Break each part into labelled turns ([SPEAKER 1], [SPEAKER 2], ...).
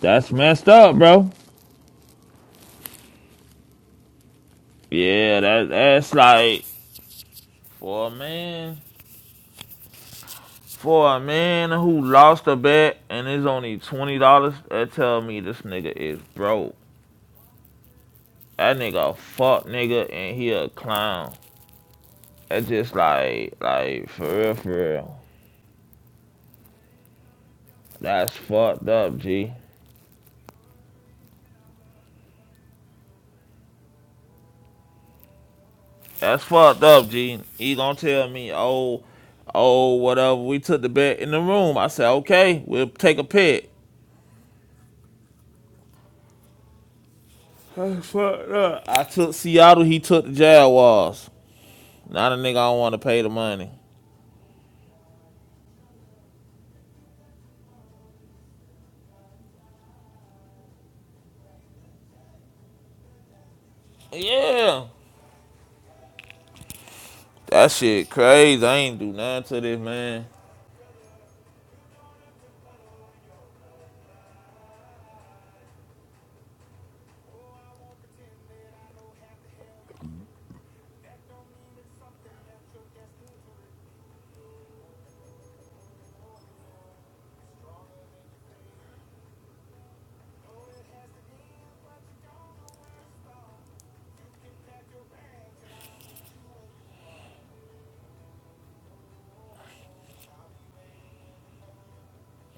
[SPEAKER 1] That's messed up, bro. Yeah, that that's like for a man for a man who lost a bet and is only twenty dollars, that tell me this nigga is broke. That nigga a fuck nigga and he a clown. That's just like like for real for real. That's fucked up, G. That's fucked up, G. He gonna tell me, oh, oh, whatever, we took the bet in the room. I said, okay, we'll take a pick. Fuck up. I took Seattle, he took the Jaguars. Now the nigga I don't want to pay the money. Yeah. That shit crazy. I ain't do nothing to this, man.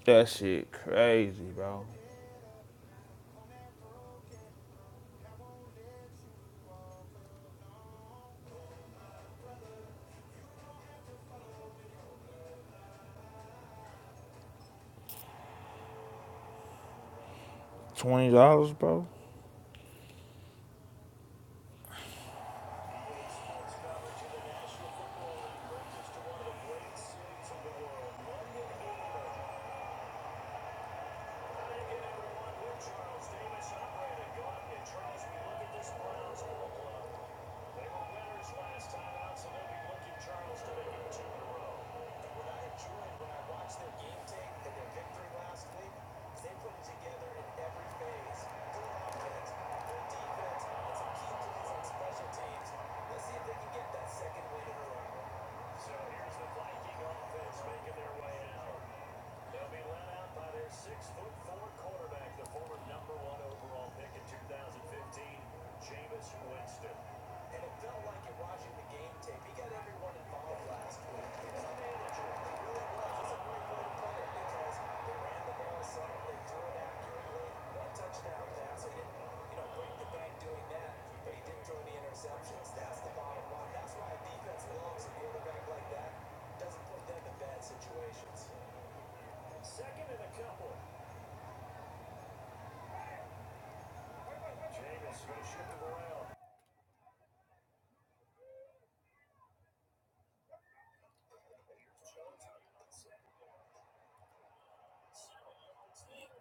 [SPEAKER 1] That shit crazy, bro. $20, bro?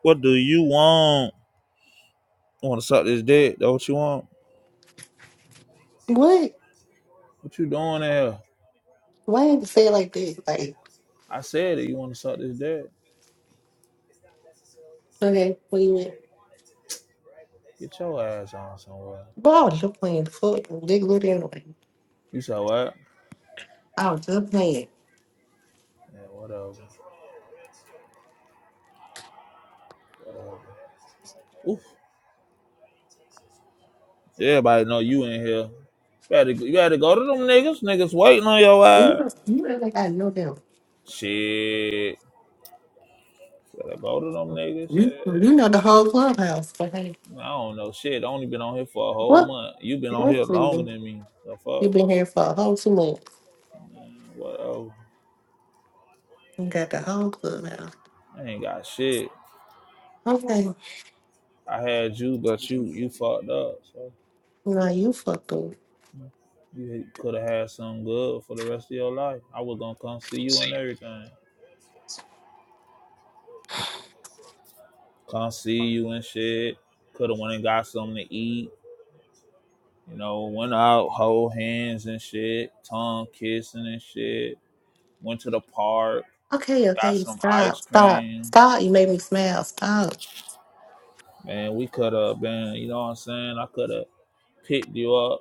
[SPEAKER 1] What do you want? You want to suck this dick? That what you want?
[SPEAKER 2] What?
[SPEAKER 1] What you doing there?
[SPEAKER 2] Why you have to say it like that? Like,
[SPEAKER 1] I said it. You want to suck this dick?
[SPEAKER 2] okay, what you with?
[SPEAKER 1] Get your ass on somewhere.
[SPEAKER 2] But I was just playing the fuck they Little anyway.
[SPEAKER 1] You said what?
[SPEAKER 2] I was just playing.
[SPEAKER 1] Yeah, whatever. whatever. Oof. Everybody know you in here. You had to, you had to go to them niggas. Niggas waiting on your
[SPEAKER 2] You
[SPEAKER 1] ass.
[SPEAKER 2] know, you act like I know them.
[SPEAKER 1] Shit. Gotta go to them niggas.
[SPEAKER 2] You, you know
[SPEAKER 1] Shit.
[SPEAKER 2] the whole clubhouse. But hey,
[SPEAKER 1] I don't know. Shit, I only been on here for a whole
[SPEAKER 2] what?
[SPEAKER 1] month. You been on here
[SPEAKER 2] What's
[SPEAKER 1] longer
[SPEAKER 2] you?
[SPEAKER 1] than me. The
[SPEAKER 2] You've
[SPEAKER 1] fuck?
[SPEAKER 2] been here for a whole two months.
[SPEAKER 1] Man, whatever.
[SPEAKER 2] You got the whole clubhouse.
[SPEAKER 1] I ain't got shit.
[SPEAKER 2] Okay,
[SPEAKER 1] I had you, but you you fucked up. So
[SPEAKER 2] now you fucked up.
[SPEAKER 1] you could have had something good for the rest of your life. I was gonna come see you and everything. Come see you and shit. Could have went and got something to eat You know, went out, hold hands and shit, tongue kissing and shit. Went to the park,
[SPEAKER 2] Okay,
[SPEAKER 1] got
[SPEAKER 2] okay,
[SPEAKER 1] some ice
[SPEAKER 2] stop, stop,
[SPEAKER 1] cream.
[SPEAKER 2] stop. You made me smile. Stop.
[SPEAKER 1] Man, we could have been, you know what I'm saying? I could have picked you up.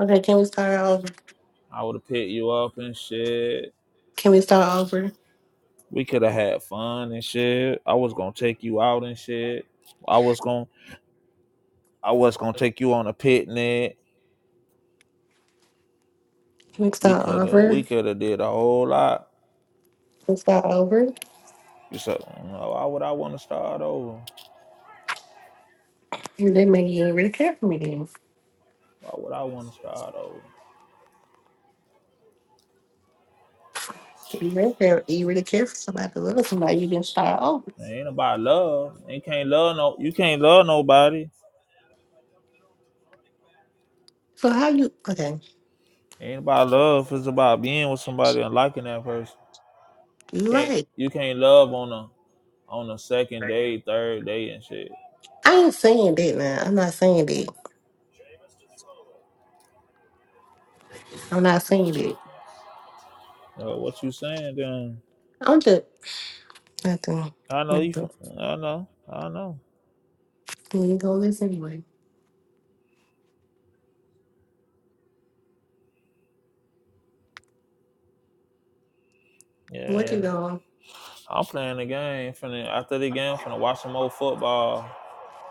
[SPEAKER 2] Okay, can we start over?
[SPEAKER 1] I would have picked you up and shit.
[SPEAKER 2] Can we start over?
[SPEAKER 1] We could have had fun and shit. I was gonna take you out and shit. I was gonna, I was gonna take you on a picnic.
[SPEAKER 2] Can we
[SPEAKER 1] We
[SPEAKER 2] start
[SPEAKER 1] could have,
[SPEAKER 2] over?
[SPEAKER 1] we
[SPEAKER 2] Can
[SPEAKER 1] could have did a whole lot.
[SPEAKER 2] we start over?
[SPEAKER 1] So, you know, why would I want to start over?
[SPEAKER 2] They make you really care for me then.
[SPEAKER 1] Why would I want to start over?
[SPEAKER 2] You really care, you really care for somebody to love somebody, you didn't start over.
[SPEAKER 1] Ain't about love. You can't love no. You can't love nobody.
[SPEAKER 2] So how you okay,
[SPEAKER 1] Ain't about love. It's about being with somebody and liking that person. You
[SPEAKER 2] you
[SPEAKER 1] can't
[SPEAKER 2] right.
[SPEAKER 1] you can't love on a on a second day, third day, and shit.
[SPEAKER 2] I ain't saying that now. I'm not saying that. I'm not saying that.
[SPEAKER 1] Uh, what you saying? Then
[SPEAKER 2] I'm just nothing.
[SPEAKER 1] I know you. From,
[SPEAKER 2] Nothing.
[SPEAKER 1] I know. I know.
[SPEAKER 2] You ain't gonna listen anyway. What you
[SPEAKER 1] Yeah,
[SPEAKER 2] going?
[SPEAKER 1] I'm playing the game. Finna after the game, I'm finna watch some old football.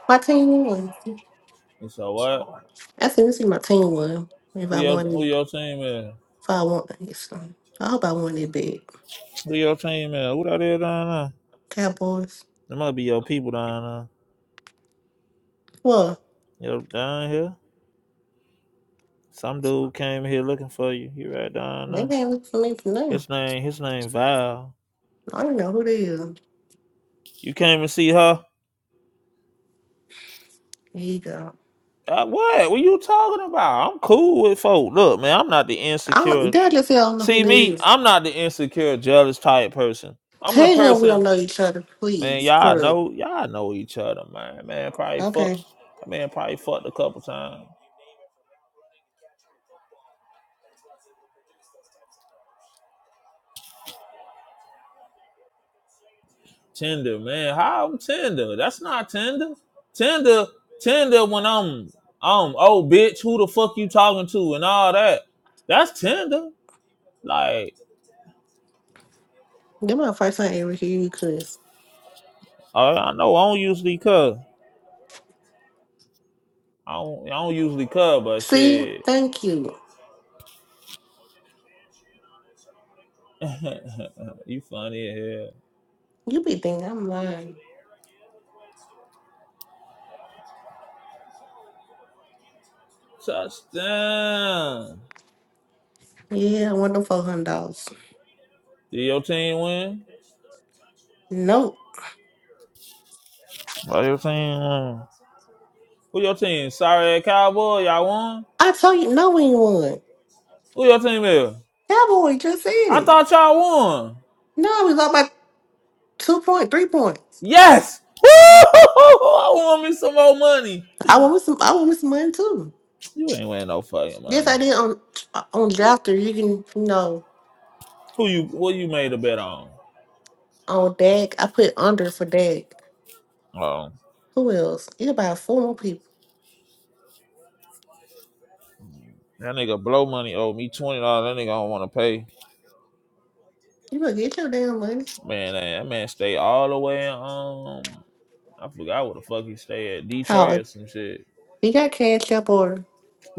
[SPEAKER 2] My team won.
[SPEAKER 1] And so what?
[SPEAKER 2] I think this is my team won. If
[SPEAKER 1] Who
[SPEAKER 2] I
[SPEAKER 1] your who
[SPEAKER 2] wanted
[SPEAKER 1] your team is?
[SPEAKER 2] if I want this I hope I won it big.
[SPEAKER 1] Who your team is? Who that is down there?
[SPEAKER 2] Cowboys.
[SPEAKER 1] There must be your people down
[SPEAKER 2] Well,
[SPEAKER 1] there. You down here? Some dude came here looking for you. He right down
[SPEAKER 2] they
[SPEAKER 1] there.
[SPEAKER 2] can't look for me for nothing.
[SPEAKER 1] His name, his name Val.
[SPEAKER 2] I don't know who they is.
[SPEAKER 1] You came and see her.
[SPEAKER 2] Here you go.
[SPEAKER 1] Uh, what? What you talking about? I'm cool with folk. Look, man, I'm not the
[SPEAKER 2] I don't,
[SPEAKER 1] insecure.
[SPEAKER 2] Daddy said I don't know who
[SPEAKER 1] See
[SPEAKER 2] that
[SPEAKER 1] me,
[SPEAKER 2] is.
[SPEAKER 1] I'm not the insecure, jealous type person. I'm the
[SPEAKER 2] Tell him we
[SPEAKER 1] person,
[SPEAKER 2] don't know each other,
[SPEAKER 1] man.
[SPEAKER 2] please.
[SPEAKER 1] Y'all
[SPEAKER 2] Sir.
[SPEAKER 1] know, y'all know each other, man. Man, probably
[SPEAKER 2] Okay.
[SPEAKER 1] fucked. Man, probably fucked a couple times. Tinder, man. How I'm Tinder? That's not Tinder. Tinder, Tinder. When I'm, I'm, oh, bitch, who the fuck you talking to and all that. That's Tinder. Like,
[SPEAKER 2] Them my first time ever hear you, Chris.
[SPEAKER 1] I, I know I don't usually cuss. I don't, I don't usually cuss, but
[SPEAKER 2] See,
[SPEAKER 1] shit,
[SPEAKER 2] thank you.
[SPEAKER 1] you funny as hell.
[SPEAKER 2] You be thinking I'm lying.
[SPEAKER 1] Touchdown.
[SPEAKER 2] Yeah, I won the four hundred dollars.
[SPEAKER 1] Did your team win?
[SPEAKER 2] Nope.
[SPEAKER 1] Why your team win? Who your team? Sorry, Cowboy. Y'all won.
[SPEAKER 2] I told you no when you won.
[SPEAKER 1] Who your team is?
[SPEAKER 2] Cowboy, just said
[SPEAKER 1] I
[SPEAKER 2] it.
[SPEAKER 1] thought y'all won.
[SPEAKER 2] No, we lost by two point, three points.
[SPEAKER 1] Yes. Woo! I want me some more money.
[SPEAKER 2] I want me some I want me some money too.
[SPEAKER 1] You ain't winning no fucking
[SPEAKER 2] Yes,
[SPEAKER 1] money.
[SPEAKER 2] I did on on
[SPEAKER 1] Who
[SPEAKER 2] Drafter. You can you know
[SPEAKER 1] you? What you made a bet on?
[SPEAKER 2] on Dag. I put under for Dag.
[SPEAKER 1] Oh,
[SPEAKER 2] Who else? It's about four more people.
[SPEAKER 1] that nigga blow money owed me twenty dollars. That nigga don't want to pay.
[SPEAKER 2] You better get your damn money.
[SPEAKER 1] Man, eh, that man stay all the way in, um. I forgot what the fuck he stay at Detroit
[SPEAKER 2] Oh,
[SPEAKER 1] or some shit.
[SPEAKER 2] you got cash up or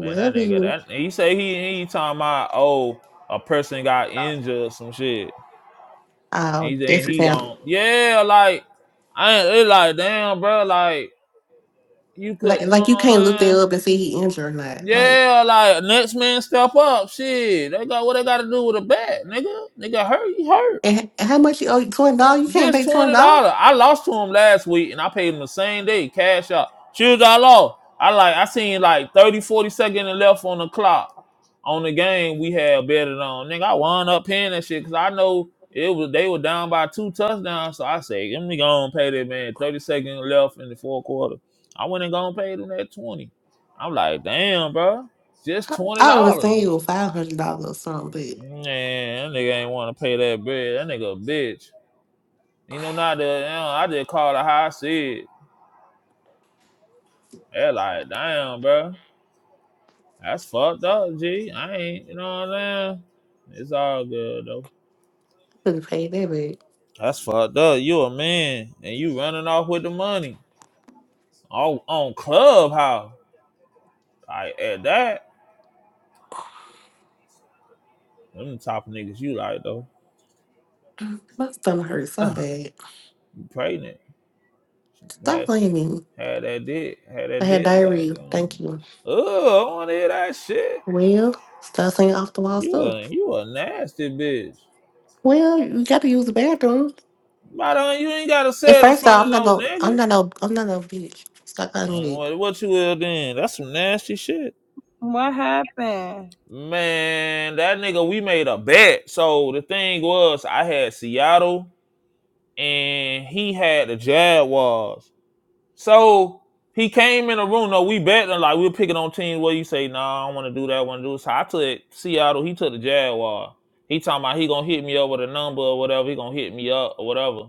[SPEAKER 1] Man, that nigga.
[SPEAKER 2] you.
[SPEAKER 1] That he say he he talking about oh a person got injured or some shit.
[SPEAKER 2] Oh,
[SPEAKER 1] And he
[SPEAKER 2] this
[SPEAKER 1] and he
[SPEAKER 2] him.
[SPEAKER 1] gone yeah like I ain't it like damn bro like you
[SPEAKER 2] Like,
[SPEAKER 1] could you know
[SPEAKER 2] like you
[SPEAKER 1] what
[SPEAKER 2] can't look
[SPEAKER 1] I'm saying
[SPEAKER 2] that up and see he injured or not. Like,
[SPEAKER 1] Yeah, like next man step up. Shit, they got what they got to do with a bat, nigga. Nigga, hurry, hurry.
[SPEAKER 2] and h- how much you owe? Twenty dollars? You can't
[SPEAKER 1] Just
[SPEAKER 2] pay twenty
[SPEAKER 1] twenty
[SPEAKER 2] dollars.
[SPEAKER 1] dollar. I lost to him last week, and I paid him the same day, cash out. Shoes I lost. I like I seen like 30, forty seconds left on the clock on the game we had betted on. Nigga, I wound up paying that shit because I know it was they were down by two touchdowns. So I say, let me go and pay that man. Thirty seconds left in the fourth quarter. I went and go and paid him that twenty. I'm like, damn, bro, just
[SPEAKER 2] I,
[SPEAKER 1] twenty
[SPEAKER 2] I
[SPEAKER 1] dollars.
[SPEAKER 2] understand you with five hundred dollars or something, but you
[SPEAKER 1] Man, that nigga ain't want to pay that bill. That nigga a bitch. You know, not the, you know, I just called it how I see it. They're like, damn, bro. That's fucked up, G. I ain't, you know what I'm saying? It's all good, though.
[SPEAKER 2] couldn't pay that bad.
[SPEAKER 1] That's fucked up. You a man, and you running off with the money. On, on Clubhouse. Like, at that, them top of niggas you like, though.
[SPEAKER 2] My stomach hurts so
[SPEAKER 1] you
[SPEAKER 2] bad.
[SPEAKER 1] pregnant.
[SPEAKER 2] Stop
[SPEAKER 1] Had,
[SPEAKER 2] blaming me.
[SPEAKER 1] had that dick. Had
[SPEAKER 2] I
[SPEAKER 1] that
[SPEAKER 2] had
[SPEAKER 1] dick, like,
[SPEAKER 2] diarrhea. Thank
[SPEAKER 1] um,
[SPEAKER 2] you.
[SPEAKER 1] oh, I want to hear that shit.
[SPEAKER 2] Well, stop saying off the wall
[SPEAKER 1] You
[SPEAKER 2] stuff.
[SPEAKER 1] a, you a nasty bitch.
[SPEAKER 2] Well, you got to use the bathroom.
[SPEAKER 1] But uh, you ain't gotta
[SPEAKER 2] And
[SPEAKER 1] say it in
[SPEAKER 2] first
[SPEAKER 1] front
[SPEAKER 2] off,
[SPEAKER 1] of
[SPEAKER 2] I'm not
[SPEAKER 1] no
[SPEAKER 2] gonna. I'm
[SPEAKER 1] nigga.
[SPEAKER 2] not no. I'm not no bitch. Stop calling me
[SPEAKER 1] Mm,
[SPEAKER 2] that.
[SPEAKER 1] What, what you will then? That's some nasty shit.
[SPEAKER 3] What happened?
[SPEAKER 1] Man, that nigga, we made a bet. So the thing was, I had Seattle and he had the Jaguars. So he came in the room. No, we betting like we were picking on teams where you say, nah, I don't want to do that, I want to do this. So I took Seattle, he took the Jaguar. He talking about he gonna hit me up with a number or whatever, he gonna hit me up or whatever.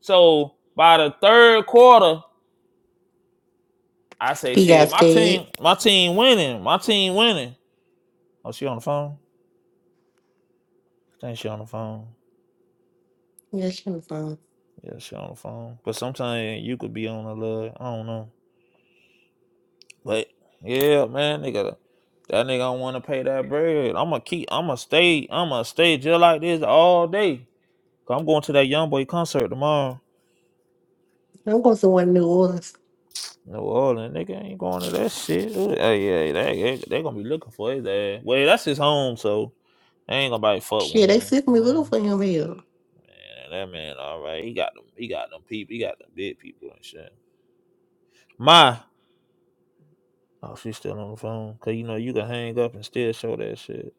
[SPEAKER 1] So by the third quarter, I say
[SPEAKER 2] He
[SPEAKER 1] shit.
[SPEAKER 2] got
[SPEAKER 1] My
[SPEAKER 2] scared.
[SPEAKER 1] team, my team winning. My team winning. Oh, she on the phone? I think she on the phone.
[SPEAKER 2] Yeah, she was on.
[SPEAKER 1] Yeah, she on the phone. But sometimes you could be on the lug. I don't know. But yeah, man, nigga, that nigga don't want to pay that bread. I'ma keep. I'ma stay. I'ma stay just like this all day. Cause I'm going to that young boy concert tomorrow.
[SPEAKER 2] I'm going to one New Orleans.
[SPEAKER 1] New Orleans, nigga ain't going to that shit. Ooh, Hey, yeah, they, they, they gonna be looking for his ass. Well, that's his home, so they ain't gonna nobody fuck with
[SPEAKER 2] Shit, they
[SPEAKER 1] him.
[SPEAKER 2] sent
[SPEAKER 1] 'Cause,
[SPEAKER 2] me looking
[SPEAKER 1] damn.
[SPEAKER 2] for him here.
[SPEAKER 1] Man, that man, all right. He got them. He got them people. He got them big people and shit. My, oh, she's still on the phone. Cause you know you can hang up and still show that shit.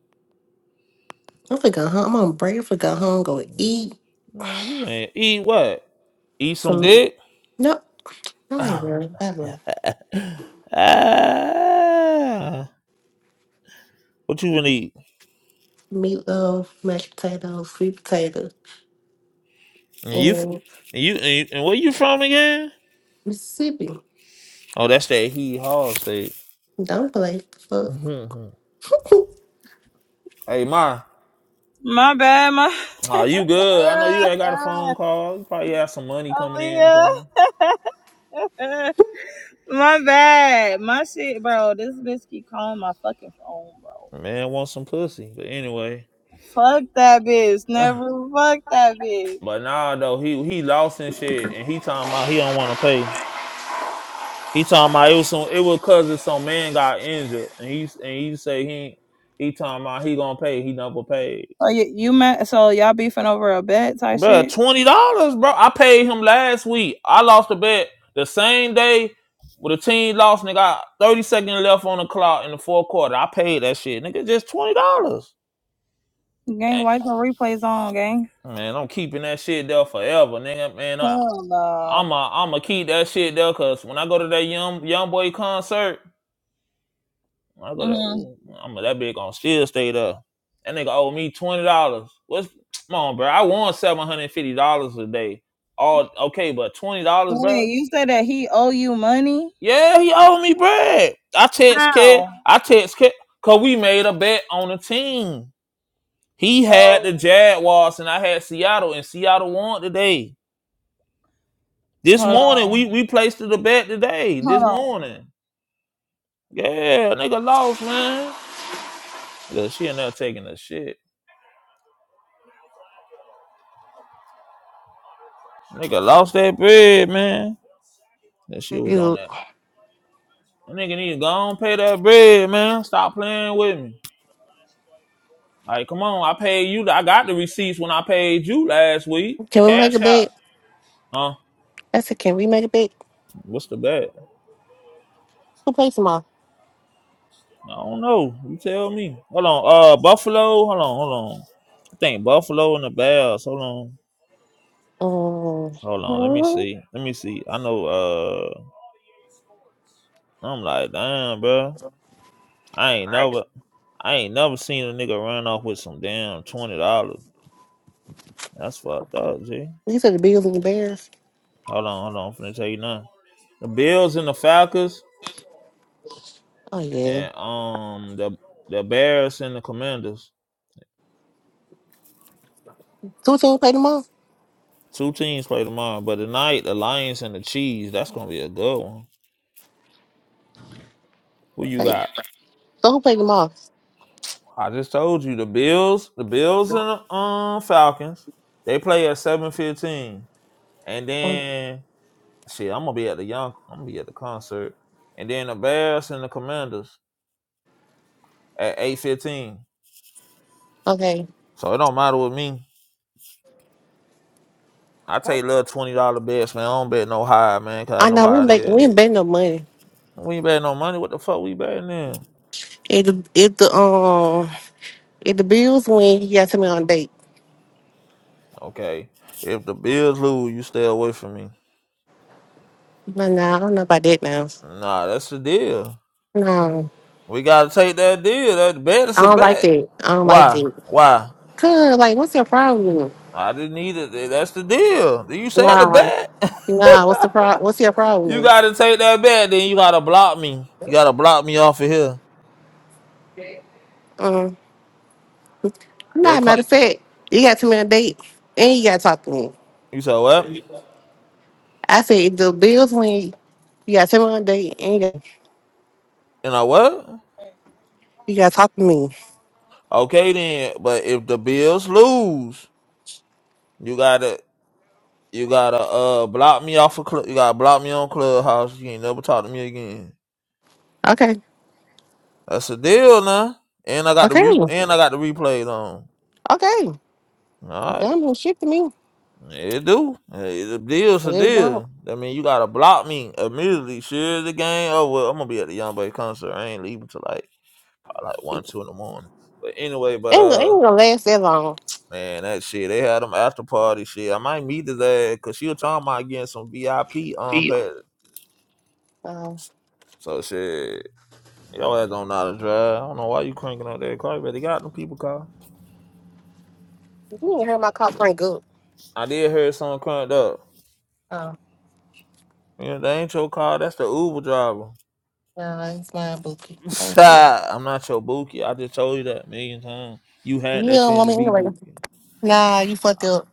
[SPEAKER 2] I'm finna go home. I'm on break. I'm finna go home. Go
[SPEAKER 1] Mm,
[SPEAKER 2] eat
[SPEAKER 1] Man, you ain't eat what? Eat some
[SPEAKER 2] some.
[SPEAKER 1] dick?
[SPEAKER 2] Nope. I ain't
[SPEAKER 1] ah,
[SPEAKER 2] really. I don't.
[SPEAKER 1] what you gonna eat?
[SPEAKER 2] Meatloaf, mashed potatoes, sweet potato,
[SPEAKER 1] And you, f-
[SPEAKER 2] and
[SPEAKER 1] and you, and, and where you from again?
[SPEAKER 2] Mississippi.
[SPEAKER 1] Oh, that's that he hall state.
[SPEAKER 2] Don't play. Fuck.
[SPEAKER 1] Mhm. hey, Ma,
[SPEAKER 3] My bad, my
[SPEAKER 1] are you good? I know you ain't got a phone call. You probably have some money coming in or
[SPEAKER 3] Aaliyah.
[SPEAKER 1] something.
[SPEAKER 3] my bad. My shit, bro. This bitch keep calling my fucking phone, bro.
[SPEAKER 1] Man, want some pussy. But anyway.
[SPEAKER 3] Fuck that bitch. Never fuck that bitch.
[SPEAKER 1] But nah, though he he lost and shit, and he talking about he don't want to pay. He talking about it was some it was cause if some man got injured, and he and he say he he talking about he gonna pay. He never paid,
[SPEAKER 3] Oh, you, you met, so y'all beefing over a bet type
[SPEAKER 1] bro.
[SPEAKER 3] shit?
[SPEAKER 1] Twenty dollars, bro. I paid him last week. I lost a bet the same day with the team lost, and they got thirty seconds left on the clock in the fourth quarter. I paid that shit, nigga. Just twenty dollars.
[SPEAKER 3] Gang, why the replays on, gang?
[SPEAKER 1] Man, I'm keeping that shit there forever, nigga. Man, I,
[SPEAKER 3] Hell no.
[SPEAKER 1] I'ma I'ma keep that shit there cause when I go to that young young boy concert, when I go to
[SPEAKER 3] hmm
[SPEAKER 1] ooh, I'ma that big gonna still stay there. That nigga owe me twenty dollars. What's come on, bro? I won seven hundred and fifty dollars a day. All okay, but twenty dollars,
[SPEAKER 3] Wait,
[SPEAKER 1] bro?
[SPEAKER 3] you said that he owe you money?
[SPEAKER 1] Yeah, he owed me bread. I text
[SPEAKER 3] How?
[SPEAKER 1] kid. I text kid cause we made a bet on the team. He
[SPEAKER 3] So,
[SPEAKER 1] had the Jaguars and I had Seattle, and Seattle won today. This
[SPEAKER 3] hold
[SPEAKER 1] morning
[SPEAKER 3] on.
[SPEAKER 1] we we placed the bet today. This
[SPEAKER 3] Hold on.
[SPEAKER 1] morning. Yeah, nigga lost, man. Look, she in there taking the shit. Nigga lost that bread, man. That shit was on
[SPEAKER 2] You.
[SPEAKER 1] that. That nigga need to go on pay that bread, man. Stop playing with me. Like, come on, I paid you. I got the receipts when I paid you last week.
[SPEAKER 2] Can we make a
[SPEAKER 1] Cash out.
[SPEAKER 2] bet?
[SPEAKER 1] Huh?
[SPEAKER 2] I said, can we make a bet?
[SPEAKER 1] What's the bet?
[SPEAKER 2] Who plays tomorrow?
[SPEAKER 1] I don't know. You tell me. Hold on. Uh, Buffalo. Hold on. Hold on. I think Buffalo and the Bears. Hold on.
[SPEAKER 2] Um,
[SPEAKER 1] Hold on. Let me
[SPEAKER 2] hmm?
[SPEAKER 1] see. Let me see. I know. Uh, I'm like, damn, bro. I ain't never. I ain't never seen a nigga run off with some damn twenty dollars. That's fucked up, G.
[SPEAKER 2] you said the Bills and the Bears.
[SPEAKER 1] Hold on, hold on. I'm finna tell you nothing. The Bills and the Falcons
[SPEAKER 2] Oh yeah.
[SPEAKER 1] and um the the Bears and the Commanders.
[SPEAKER 2] Two two play tomorrow.
[SPEAKER 1] Two teams play tomorrow, but tonight the Lions and the Cheese. That's gonna be a good one. Who you
[SPEAKER 2] Hey,
[SPEAKER 1] got?
[SPEAKER 2] so who played tomorrow?
[SPEAKER 1] I just told you the Bills, the Bills and the um Falcons. They play at seven fifteen, and then shit, I'm gonna be at the young. I'm gonna be at the concert, and then the Bears and the Commanders. at eight fifteen.
[SPEAKER 2] Okay.
[SPEAKER 1] So it don't matter with me. I take little twenty dollar bets, man. I don't bet no high, man, cause
[SPEAKER 2] I
[SPEAKER 1] I know
[SPEAKER 2] know we
[SPEAKER 1] how it
[SPEAKER 2] make
[SPEAKER 1] is.
[SPEAKER 2] we ain't make no money.
[SPEAKER 1] We ain't bet no money. What the fuck we betting then?
[SPEAKER 2] If the if the um if the bills win, he gotta me on a date.
[SPEAKER 1] Okay, if the Bills lose, you stay away from me.
[SPEAKER 2] But nah, I don't know about that now.
[SPEAKER 1] Nah, that's the deal.
[SPEAKER 2] No.
[SPEAKER 1] We gotta take that deal. That bet is
[SPEAKER 2] I
[SPEAKER 1] a
[SPEAKER 2] don't like
[SPEAKER 1] bet.
[SPEAKER 2] that. I don't like
[SPEAKER 1] Why?
[SPEAKER 2] that.
[SPEAKER 1] Why?
[SPEAKER 2] Cause like what's your problem?
[SPEAKER 1] I didn't need it. That's the deal. You said the
[SPEAKER 2] Nah.
[SPEAKER 1] bet.
[SPEAKER 2] Nah, what's the pro what's your
[SPEAKER 1] you
[SPEAKER 2] problem?
[SPEAKER 1] gotta take that bet. Then you gotta block me. You gotta block me off of here.
[SPEAKER 2] Um
[SPEAKER 1] They
[SPEAKER 2] nah matter
[SPEAKER 1] call.
[SPEAKER 2] of fact, you gotta me on a date and you gotta talk to me.
[SPEAKER 1] You said what?
[SPEAKER 2] I said if the bills win, you gotta take me on a date and you gotta,
[SPEAKER 1] And I what?
[SPEAKER 2] you gotta talk to me.
[SPEAKER 1] Okay then, but if the Bills lose, you gotta you gotta uh block me off of club. You gotta block me on Clubhouse. You ain't never talk to me again.
[SPEAKER 2] Okay.
[SPEAKER 1] That's a deal now. And I got the
[SPEAKER 2] Okay.
[SPEAKER 1] re and I got the replays on.
[SPEAKER 2] Okay.
[SPEAKER 1] All right,
[SPEAKER 2] Don't do shit to me.
[SPEAKER 1] it do. Hey, the deal's a
[SPEAKER 2] It don't.
[SPEAKER 1] deal. I mean, you gotta block me immediately. Sure, the game. Oh well, I'm gonna be at the YoungBoy concert. I ain't leaving till like probably like one, two in the morning. But anyway, but
[SPEAKER 2] ain't,
[SPEAKER 1] uh.
[SPEAKER 2] ain't gonna last that long.
[SPEAKER 1] Man, that shit. They had them after party shit. I might meet his ass because she was talking about getting some VIP on pass.
[SPEAKER 2] Um,
[SPEAKER 1] So shit. Y'all ass don't know how to drive. I don't know why you cranking up that car. You better got them people car.
[SPEAKER 2] you ain't heard my cop ring, good.
[SPEAKER 1] I did hear someone cranked up.
[SPEAKER 2] Oh,
[SPEAKER 1] Yeah, that ain't your car. That's the Uber driver.
[SPEAKER 2] nah, it's mine, Bookie. Thank you.
[SPEAKER 1] I'm not your bookie. I just told you that a million times. You had
[SPEAKER 2] You
[SPEAKER 1] that
[SPEAKER 2] don't
[SPEAKER 1] chance
[SPEAKER 2] want
[SPEAKER 1] to
[SPEAKER 2] me
[SPEAKER 1] be
[SPEAKER 2] anyway.
[SPEAKER 1] bookie.
[SPEAKER 2] Nah, you fucked up.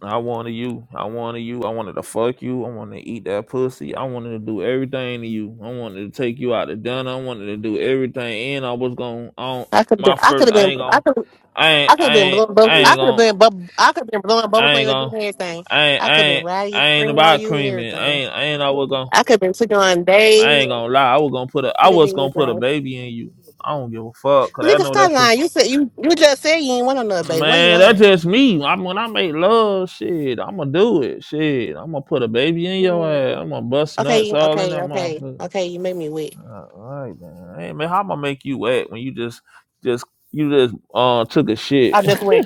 [SPEAKER 1] I wanted you. I wanted you. I wanted to fuck you. I wanted to eat that pussy. I wanted to do everything to you. I wanted to take you out to dinner. I wanted to do everything. And I was going to on
[SPEAKER 2] I could have been.
[SPEAKER 1] my
[SPEAKER 2] I could
[SPEAKER 1] first.
[SPEAKER 2] have
[SPEAKER 1] I
[SPEAKER 2] been.
[SPEAKER 1] ain't
[SPEAKER 2] I
[SPEAKER 1] gonna.
[SPEAKER 2] could.
[SPEAKER 1] I ain't.
[SPEAKER 2] I could
[SPEAKER 1] I
[SPEAKER 2] have been
[SPEAKER 1] ain't.
[SPEAKER 2] blowing
[SPEAKER 1] I
[SPEAKER 2] bubbles. I
[SPEAKER 1] ain't
[SPEAKER 2] could have
[SPEAKER 1] gonna.
[SPEAKER 2] been. Bub, I could have been blowing
[SPEAKER 1] I
[SPEAKER 2] bubbles on
[SPEAKER 1] ain't
[SPEAKER 2] you and doing
[SPEAKER 1] gonna.
[SPEAKER 2] everything.
[SPEAKER 1] I ain't.
[SPEAKER 2] I
[SPEAKER 1] I
[SPEAKER 2] could have been
[SPEAKER 1] ain't.
[SPEAKER 2] riding you,
[SPEAKER 1] I ain't
[SPEAKER 2] screaming on
[SPEAKER 1] about
[SPEAKER 2] you, and
[SPEAKER 1] creaming. I
[SPEAKER 2] everything.
[SPEAKER 1] ain't. I ain't. I was gonna.
[SPEAKER 2] I could have been sitting on
[SPEAKER 1] I
[SPEAKER 2] days.
[SPEAKER 1] ain't
[SPEAKER 2] I
[SPEAKER 1] gonna lie. I was gonna put a. I
[SPEAKER 2] could have
[SPEAKER 1] was
[SPEAKER 2] done
[SPEAKER 1] gonna put a
[SPEAKER 2] everything.
[SPEAKER 1] baby in you. I don't give a fuck. Cause I
[SPEAKER 2] Nigga,
[SPEAKER 1] know
[SPEAKER 2] stop
[SPEAKER 1] that pussy.
[SPEAKER 2] lying. You said you. You just said you ain't want another baby. Why you
[SPEAKER 1] Man, that's
[SPEAKER 2] lying?
[SPEAKER 1] just me. I'm when I make love, shit, I'ma do it. Shit, I'ma put a baby in your ass. I'ma bust nuts
[SPEAKER 2] Okay,
[SPEAKER 1] all in
[SPEAKER 2] okay,
[SPEAKER 1] that
[SPEAKER 2] okay,
[SPEAKER 1] motherfucker.
[SPEAKER 2] okay. You made me wet.
[SPEAKER 1] All right, man. Hey, man, how am I make you wet when you just, just, you just uh took a shit?
[SPEAKER 2] I just went.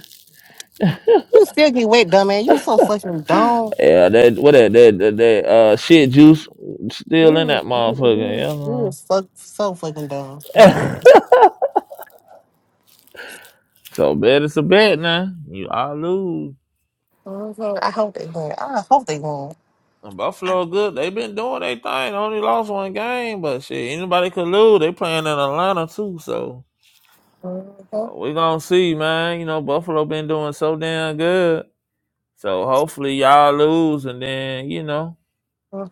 [SPEAKER 2] You still get wet, dumb man. You so fucking dumb.
[SPEAKER 1] yeah, that what that that that, that uh shit juice still in
[SPEAKER 2] You,
[SPEAKER 1] that
[SPEAKER 2] you, you, you
[SPEAKER 1] motherfucker.
[SPEAKER 2] is fuck, so fucking dumb.
[SPEAKER 1] Yeah. man.
[SPEAKER 2] About that.
[SPEAKER 1] so bet it's a bet now. You I lose.
[SPEAKER 2] Mhm. I hope they win. I hope they win.
[SPEAKER 1] And Buffalo good. They been doing their thing. Only lost one game, but shit, anybody could lose. They playing in Atlanta too, so.
[SPEAKER 2] Mm-hmm.
[SPEAKER 1] So we gonna see, man. You know, Buffalo been doing so damn good. So hopefully y'all lose, and then you know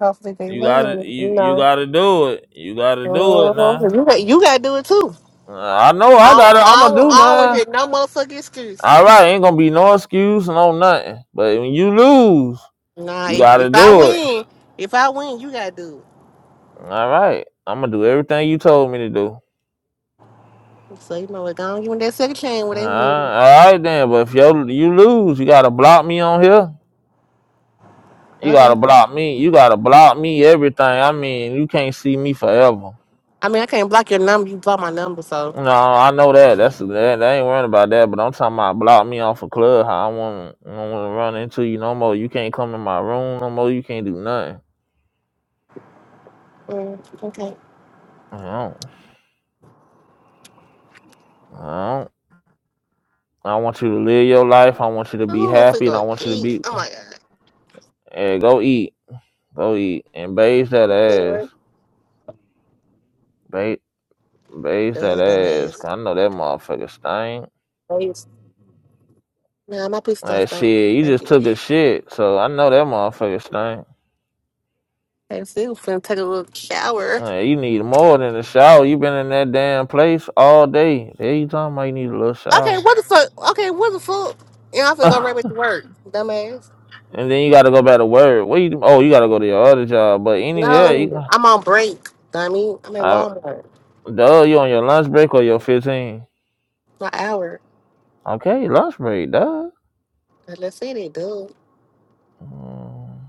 [SPEAKER 2] Hopefully they
[SPEAKER 1] you gotta
[SPEAKER 2] win.
[SPEAKER 1] you you
[SPEAKER 2] No.
[SPEAKER 1] gotta do it. You gotta do it now.
[SPEAKER 2] Mhm. You, got, you got to do it too.
[SPEAKER 1] Uh, I know I
[SPEAKER 2] I don't,
[SPEAKER 1] gotta. I'm
[SPEAKER 2] I
[SPEAKER 1] gonna
[SPEAKER 2] don't,
[SPEAKER 1] do
[SPEAKER 2] I don't want to
[SPEAKER 1] mine.
[SPEAKER 2] hear no motherfucking excuse.
[SPEAKER 1] All right, ain't gonna be no excuse, no nothing. But when you lose,
[SPEAKER 2] Nah,
[SPEAKER 1] you
[SPEAKER 2] if, if
[SPEAKER 1] gotta
[SPEAKER 2] I
[SPEAKER 1] do it.
[SPEAKER 2] win, if I win, you got to do
[SPEAKER 1] All right, I'm gonna do everything you told me to do.
[SPEAKER 2] it. So, you know what? Don't give me that second chain
[SPEAKER 1] Uh,
[SPEAKER 2] where they win.
[SPEAKER 1] all right then. But if you you lose, you gotta block me on here. You
[SPEAKER 2] Okay.
[SPEAKER 1] gotta block me. You gotta block me everything. I mean, you can't see me forever.
[SPEAKER 2] I mean, I can't block your number. You block my number, so.
[SPEAKER 1] You know, I know that. That's that. They ain't worrying about that. But I'm talking about block me off a of club. How I want I want to run into you no more. You can't come in my room no more. You can't do nothing.
[SPEAKER 2] Mm, okay.
[SPEAKER 1] I don't. I don't. I want you to live your life. I want you to be
[SPEAKER 2] Oh, I'm finna
[SPEAKER 1] happy, and
[SPEAKER 2] go
[SPEAKER 1] I want you to
[SPEAKER 2] eat.
[SPEAKER 1] be.
[SPEAKER 2] Oh my god.
[SPEAKER 1] Hey, go eat. Go eat and bathe that
[SPEAKER 2] I'm
[SPEAKER 1] ass.
[SPEAKER 2] Bored.
[SPEAKER 1] Bathe, bathe that
[SPEAKER 2] Ugh,
[SPEAKER 1] ass.
[SPEAKER 2] dumbass.
[SPEAKER 1] 'Cause I know that motherfucker stink.
[SPEAKER 2] Thanks. Nah, my piece don't
[SPEAKER 1] Like
[SPEAKER 2] stink.
[SPEAKER 1] shit, you
[SPEAKER 2] Thank
[SPEAKER 1] just
[SPEAKER 2] you.
[SPEAKER 1] took a shit, so I know that motherfucker stink.
[SPEAKER 2] Hey, still finna take a little shower.
[SPEAKER 1] Man, you need more than a shower. You been in that damn place all day. There you talking about you need a little
[SPEAKER 2] Okay,
[SPEAKER 1] shower.
[SPEAKER 2] what the fuck? Okay, what the fuck? you Yeah, I'm finna go
[SPEAKER 1] and
[SPEAKER 2] right back to work, dumbass.
[SPEAKER 1] then you gotta go back to work. What you oh you gotta go to your other job. But anyway, you
[SPEAKER 2] No,
[SPEAKER 1] Right.
[SPEAKER 2] I'm on break, dummy. I'm at
[SPEAKER 1] I
[SPEAKER 2] Walmart.
[SPEAKER 1] duh, you on your lunch break or your fifteen.
[SPEAKER 2] My hour.
[SPEAKER 1] Okay, lunch break, duh.
[SPEAKER 2] Like, Let's see they do.
[SPEAKER 1] Mm.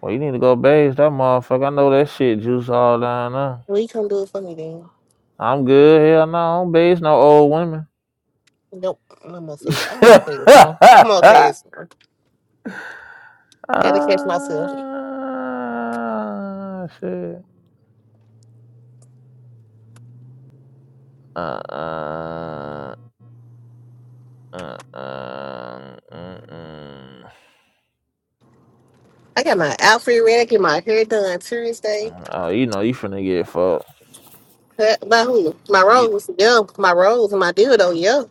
[SPEAKER 1] Well you need to go bathe that motherfucker. I know that shit juice all down there.
[SPEAKER 2] Will you come do it for me then?
[SPEAKER 1] I'm good, hell no, I don't bathe no old women.
[SPEAKER 2] Nope. I'm gonna say it. I'm gonna say it, huh? I'm gonna say it. sir. Had to catch myself.
[SPEAKER 1] Ah, shit. Uh, uh, uh, uh, mm, mm.
[SPEAKER 2] I got my outfit ready. I get my hair done Tuesday.
[SPEAKER 1] oh, you know, you finna get fucked.
[SPEAKER 2] Cut by who? My
[SPEAKER 1] You,
[SPEAKER 2] rose, yeah. My rose and my dildo, yeah.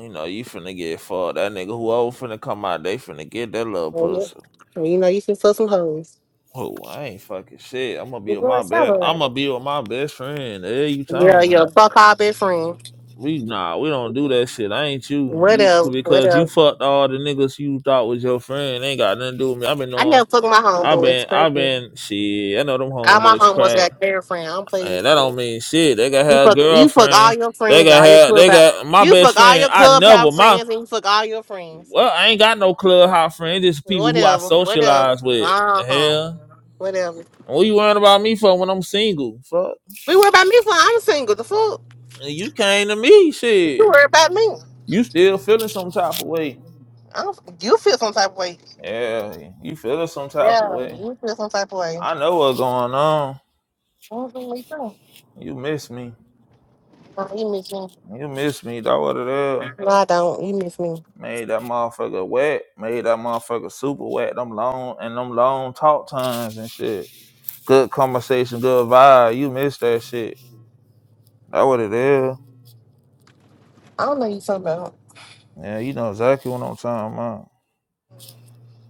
[SPEAKER 1] you know, you finna get fucked. That nigga, whoever finna come out, they finna get that little
[SPEAKER 2] Oh,
[SPEAKER 1] pussy.
[SPEAKER 2] yeah. You know, you can fuck some hoes.
[SPEAKER 1] Oh, I ain't fucking shit. I'm gonna
[SPEAKER 2] You
[SPEAKER 1] be with
[SPEAKER 2] going
[SPEAKER 1] my best.
[SPEAKER 2] celebrate?
[SPEAKER 1] I'm gonna be with my best friend. Hey, you
[SPEAKER 2] Yeah,
[SPEAKER 1] talking
[SPEAKER 2] yeah.
[SPEAKER 1] man?
[SPEAKER 2] Fuck all best friend.
[SPEAKER 1] We nah, we don't do that shit. I ain't you. You
[SPEAKER 2] Whatever,
[SPEAKER 1] because you
[SPEAKER 2] whatever.
[SPEAKER 1] fucked all the niggas you thought was your friend. Ain't got nothing to do with me. I've been
[SPEAKER 2] I
[SPEAKER 1] on.
[SPEAKER 2] never fuck my
[SPEAKER 1] I've
[SPEAKER 2] homeboys.
[SPEAKER 1] been. I've
[SPEAKER 2] Perfect.
[SPEAKER 1] been. Shit. I know them
[SPEAKER 2] All my
[SPEAKER 1] homeboys
[SPEAKER 2] homeboys
[SPEAKER 1] crack.
[SPEAKER 2] got their friend. I'm playing.
[SPEAKER 1] Hey, that don't mean shit. They got
[SPEAKER 2] You
[SPEAKER 1] her a
[SPEAKER 2] fuck, you fuck all
[SPEAKER 1] girlfriend.
[SPEAKER 2] your
[SPEAKER 1] They
[SPEAKER 2] friends,
[SPEAKER 1] got
[SPEAKER 2] all your
[SPEAKER 1] her. They
[SPEAKER 2] clubhouse.
[SPEAKER 1] got my
[SPEAKER 2] You
[SPEAKER 1] best
[SPEAKER 2] fuck all
[SPEAKER 1] friend.
[SPEAKER 2] your
[SPEAKER 1] I never
[SPEAKER 2] clubhouse
[SPEAKER 1] my
[SPEAKER 2] friends, and you fuck all your friends.
[SPEAKER 1] well. I ain't got no clubhouse friend. It's just people who I
[SPEAKER 2] Whatever, whatever.
[SPEAKER 1] socialize with.
[SPEAKER 2] Uh
[SPEAKER 1] The
[SPEAKER 2] huh.
[SPEAKER 1] hell,
[SPEAKER 2] Whatever.
[SPEAKER 1] And what you worrying about me for when I'm single? Fuck,
[SPEAKER 2] We worry about me, so I'm single. The fuck.
[SPEAKER 1] and you came to me.
[SPEAKER 2] You
[SPEAKER 1] Shit,
[SPEAKER 2] worry about me.
[SPEAKER 1] you still feeling some type of way?
[SPEAKER 2] I don't, you feel some type of way.
[SPEAKER 1] Yeah, you feeling some type
[SPEAKER 2] Yeah,
[SPEAKER 1] of way?
[SPEAKER 2] you feel some type of way.
[SPEAKER 1] I know what's going on.
[SPEAKER 2] Mhm, Me too.
[SPEAKER 1] You miss me.
[SPEAKER 2] Oh, you miss me.
[SPEAKER 1] You miss me. That what it is.
[SPEAKER 2] No, I don't. You miss me.
[SPEAKER 1] Made that motherfucker wet. Made that motherfucker super wet. Them long and them long talk times and shit. Good conversation, good vibe. You miss that shit. That what it is.
[SPEAKER 2] I don't know you talking about.
[SPEAKER 1] Yeah, you know exactly what I'm talking about.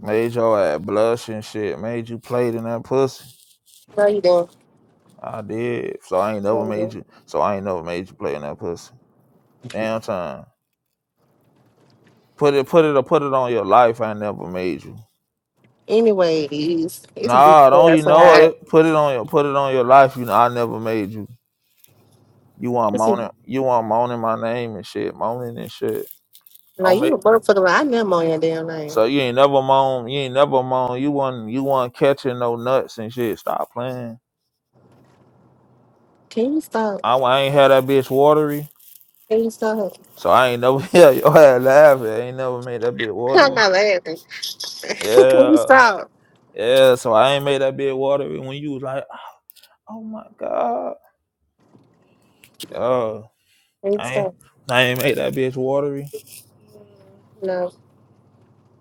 [SPEAKER 1] Made your ass blush and shit. Made you play in that pussy.
[SPEAKER 2] No, you don't.
[SPEAKER 1] I did. So I ain't
[SPEAKER 2] No,
[SPEAKER 1] never
[SPEAKER 2] you
[SPEAKER 1] made
[SPEAKER 2] don't.
[SPEAKER 1] you. So I ain't never made you play in that pussy. Damn time. Put it, put it, or put it on your life. I never made you.
[SPEAKER 2] Anyways, it's a brief
[SPEAKER 1] Nah,
[SPEAKER 2] day
[SPEAKER 1] don't you know
[SPEAKER 2] outside.
[SPEAKER 1] it? Put it on your, put it on your life. You know I never made you. You want
[SPEAKER 2] This is
[SPEAKER 1] moaning, you want moaning my name and shit, moaning and shit.
[SPEAKER 2] like
[SPEAKER 1] Don't
[SPEAKER 2] you
[SPEAKER 1] make
[SPEAKER 2] a motherfucker. Like, I never on your damn name.
[SPEAKER 1] so you ain't never moan, you ain't never moan. You want you want catching no nuts and shit. Stop playing.
[SPEAKER 2] Can you stop?
[SPEAKER 1] I, wa- I ain't had that bitch watery,
[SPEAKER 2] Can you stop?
[SPEAKER 1] so I ain't never yeah your had laughing. I ain't never made that bitch
[SPEAKER 2] I'm
[SPEAKER 1] watery.
[SPEAKER 2] not laughing. Can you
[SPEAKER 1] Yeah,
[SPEAKER 2] stop?
[SPEAKER 1] yeah. So I ain't made that bitch watery when you was like, oh my god, oh
[SPEAKER 2] Can you
[SPEAKER 1] I ain't
[SPEAKER 2] stop?
[SPEAKER 1] I ain't made that bitch watery.
[SPEAKER 2] No,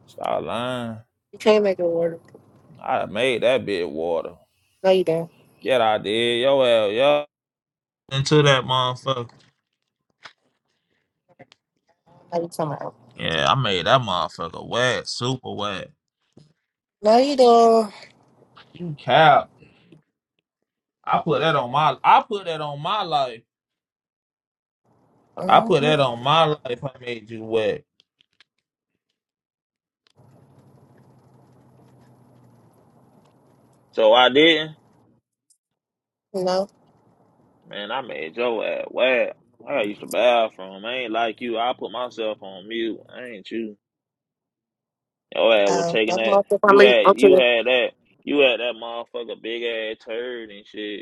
[SPEAKER 1] Stop lying.
[SPEAKER 2] you can't make it work.
[SPEAKER 1] I made that bitch water.
[SPEAKER 2] No, you don't.
[SPEAKER 1] Yeah, I did. Yo, hell, yo. into that motherfucker.
[SPEAKER 2] No, you talking about?
[SPEAKER 1] Yeah, I made that motherfucker wet, super wet.
[SPEAKER 2] No, you don't.
[SPEAKER 1] You cap. I put that on my I put that on my life. I put
[SPEAKER 2] Uh-huh.
[SPEAKER 1] that on my life. I made you wet. So I didn't.
[SPEAKER 2] No.
[SPEAKER 1] Man, I made your ass wet. I used to bathroom. I ain't like you. I put myself on mute. I ain't you. Your ass was
[SPEAKER 2] Uh,
[SPEAKER 1] taking
[SPEAKER 2] I'm
[SPEAKER 1] that.
[SPEAKER 2] motherfucker. I'm
[SPEAKER 1] You
[SPEAKER 2] leaving.
[SPEAKER 1] had
[SPEAKER 2] I'm
[SPEAKER 1] you
[SPEAKER 2] chilling.
[SPEAKER 1] had that. You had that motherfucker big ass turd and shit.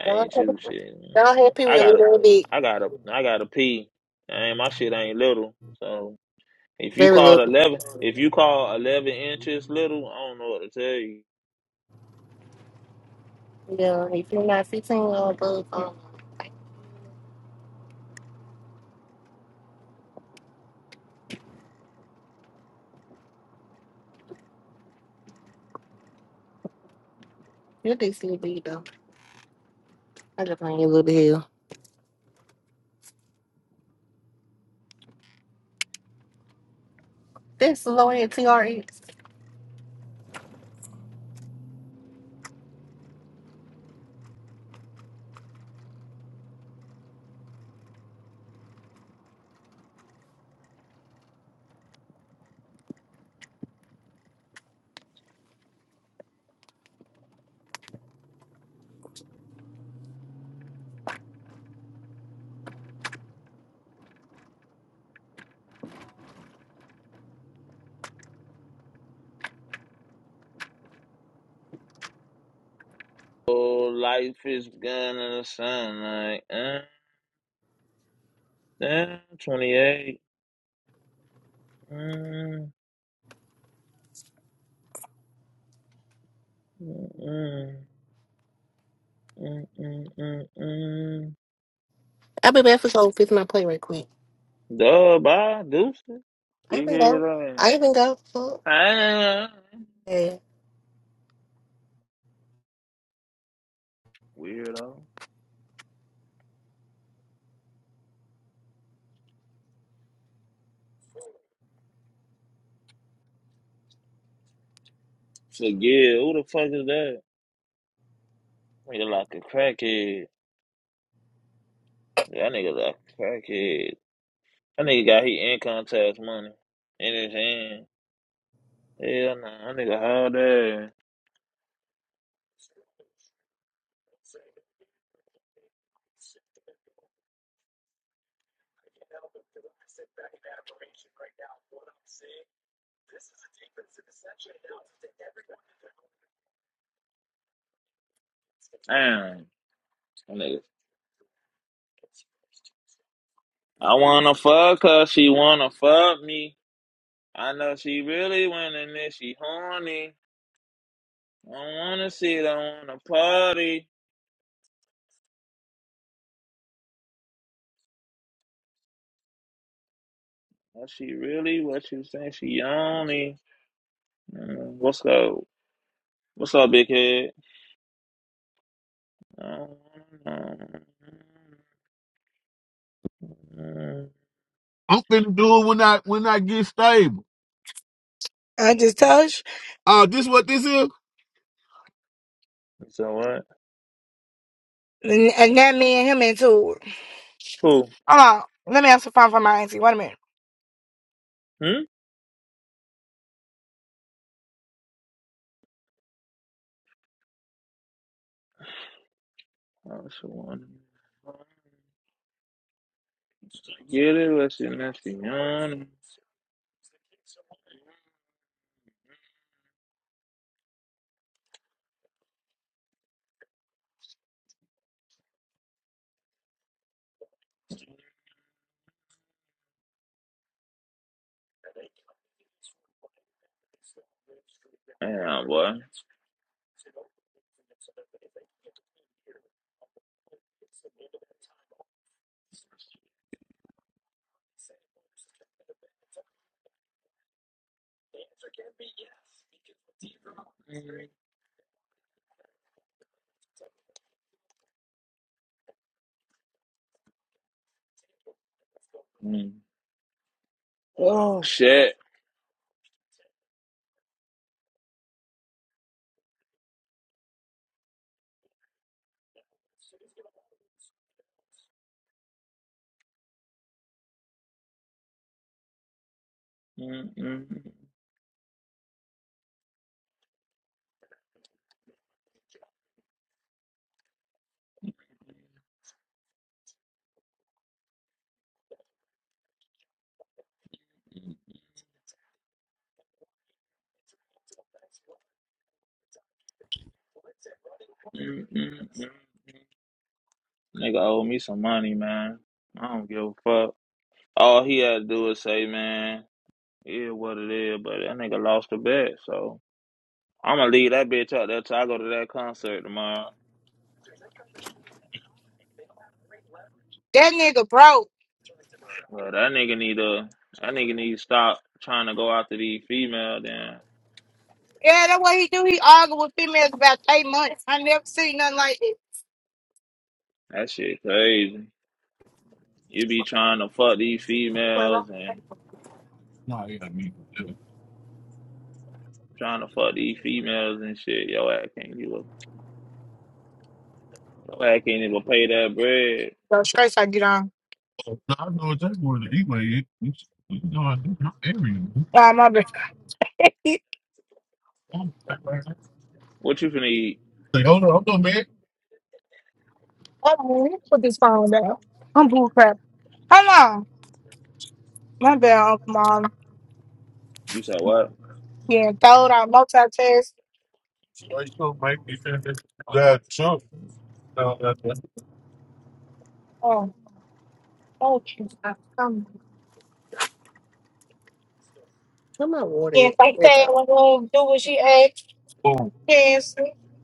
[SPEAKER 1] I
[SPEAKER 2] Y'all
[SPEAKER 1] ain't too shit. Man.
[SPEAKER 2] happy with
[SPEAKER 1] I
[SPEAKER 2] a
[SPEAKER 1] gotta,
[SPEAKER 2] little bit,
[SPEAKER 1] I gotta, I gotta pee. I ain't my shit ain't little. So if you
[SPEAKER 2] very little
[SPEAKER 1] call it
[SPEAKER 2] bit.
[SPEAKER 1] eleven, if you call eleven inches little, I don't know what to tell you.
[SPEAKER 2] Yeah, if you're not 15 or above, um, your dick's little big though. I just playing you little bit hell. That's the low end TRX.
[SPEAKER 1] Oh, life is gonna sound like uh, uh, twenty eight. Mm, mm, mm, mm, mm, mm, mm.
[SPEAKER 2] I be back for so fix my plate right quick.
[SPEAKER 1] Duh, bye, deuces.
[SPEAKER 2] I
[SPEAKER 1] Big
[SPEAKER 2] even
[SPEAKER 1] head
[SPEAKER 2] go. I
[SPEAKER 1] on.
[SPEAKER 2] even go. Fuck.
[SPEAKER 1] Ah,
[SPEAKER 2] Yeah.
[SPEAKER 1] Weirdo. Forget. Who the fuck is that? Nigga like a crackhead. Yeah, That nigga like a crackhead. That nigga got his income tax money in his hand. Hell nah, that nigga hard ass. Damn. That nigga. I wanna fuck her, she wanna fuck me. I know she really winning this, she horny. I wanna see it, I wanna party. Is she really what you think she only? Mm, What's up? What's up, big head? Mm, mm, mm.
[SPEAKER 4] I'm finna do it when I when I get stable. I just told you. Uh, this what this is?
[SPEAKER 1] So what?
[SPEAKER 4] And and that me and him into it.
[SPEAKER 1] Who?
[SPEAKER 4] Hold on. Let me answer the phone for my auntie. Wait a minute.
[SPEAKER 1] Hmm? Also one. Get it, let's see, let's see. um, Damn, boy. Mm. Oh, shit. Mm-mm. Mm-mm. Nigga owe me some money, man. I don't give a fuck. All he had to do was say, man, it is what it is, but that nigga lost the bet, so I'm gonna leave that bitch out there till I go to that concert tomorrow.
[SPEAKER 4] That nigga broke.
[SPEAKER 1] Well, that nigga need to that nigga need to stop trying to go after these female. Then
[SPEAKER 4] Yeah, that's what he do. He argue with females about eight months. I never seen nothing like it.
[SPEAKER 1] that shit crazy. You be trying to fuck these females and
[SPEAKER 4] Nah, yeah, me. too.
[SPEAKER 1] trying to fuck these females and shit. Yo, I can't even your ass can't even pay that bread.
[SPEAKER 4] So straight I get on. No, I know it's that word anyway. It, it's, you know, I do not area. Man. Ah, my bad. I'm like,
[SPEAKER 1] What you finna eat?
[SPEAKER 4] hold on, hold on, man. Hold on. Let me put this phone down. I'm bull crap. Hold on. My bad, Uncle Mom.
[SPEAKER 1] You said what?
[SPEAKER 4] Being thrown out multitask. Why you gonna make me finish That too. Oh, oh, she's not coming.
[SPEAKER 2] Where my water
[SPEAKER 4] If
[SPEAKER 2] at?
[SPEAKER 4] I
[SPEAKER 2] There it
[SPEAKER 4] say we're gonna do what she asked, Boom. yes.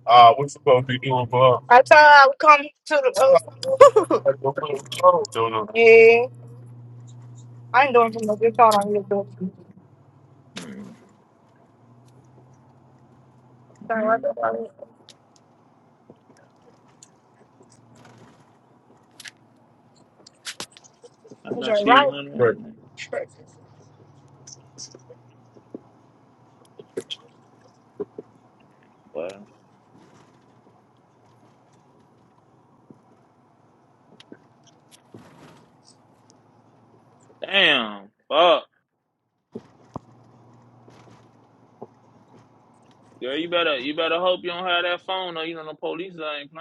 [SPEAKER 4] Uh, what you supposed to be doing for her? I told her I would come to the uh,
[SPEAKER 2] go.
[SPEAKER 4] I go put her. uh, No, no. Yeah, I ain't doing too much. It's all on you, though.
[SPEAKER 1] Mm-hmm.
[SPEAKER 4] Sorry, I thought I was
[SPEAKER 1] I
[SPEAKER 4] was
[SPEAKER 1] know
[SPEAKER 4] I
[SPEAKER 1] she
[SPEAKER 4] right. Right.
[SPEAKER 1] one,
[SPEAKER 4] Straight.
[SPEAKER 1] but damn, fuck, girl, you better you better hope you don't have that phone or you know the police ain't playing.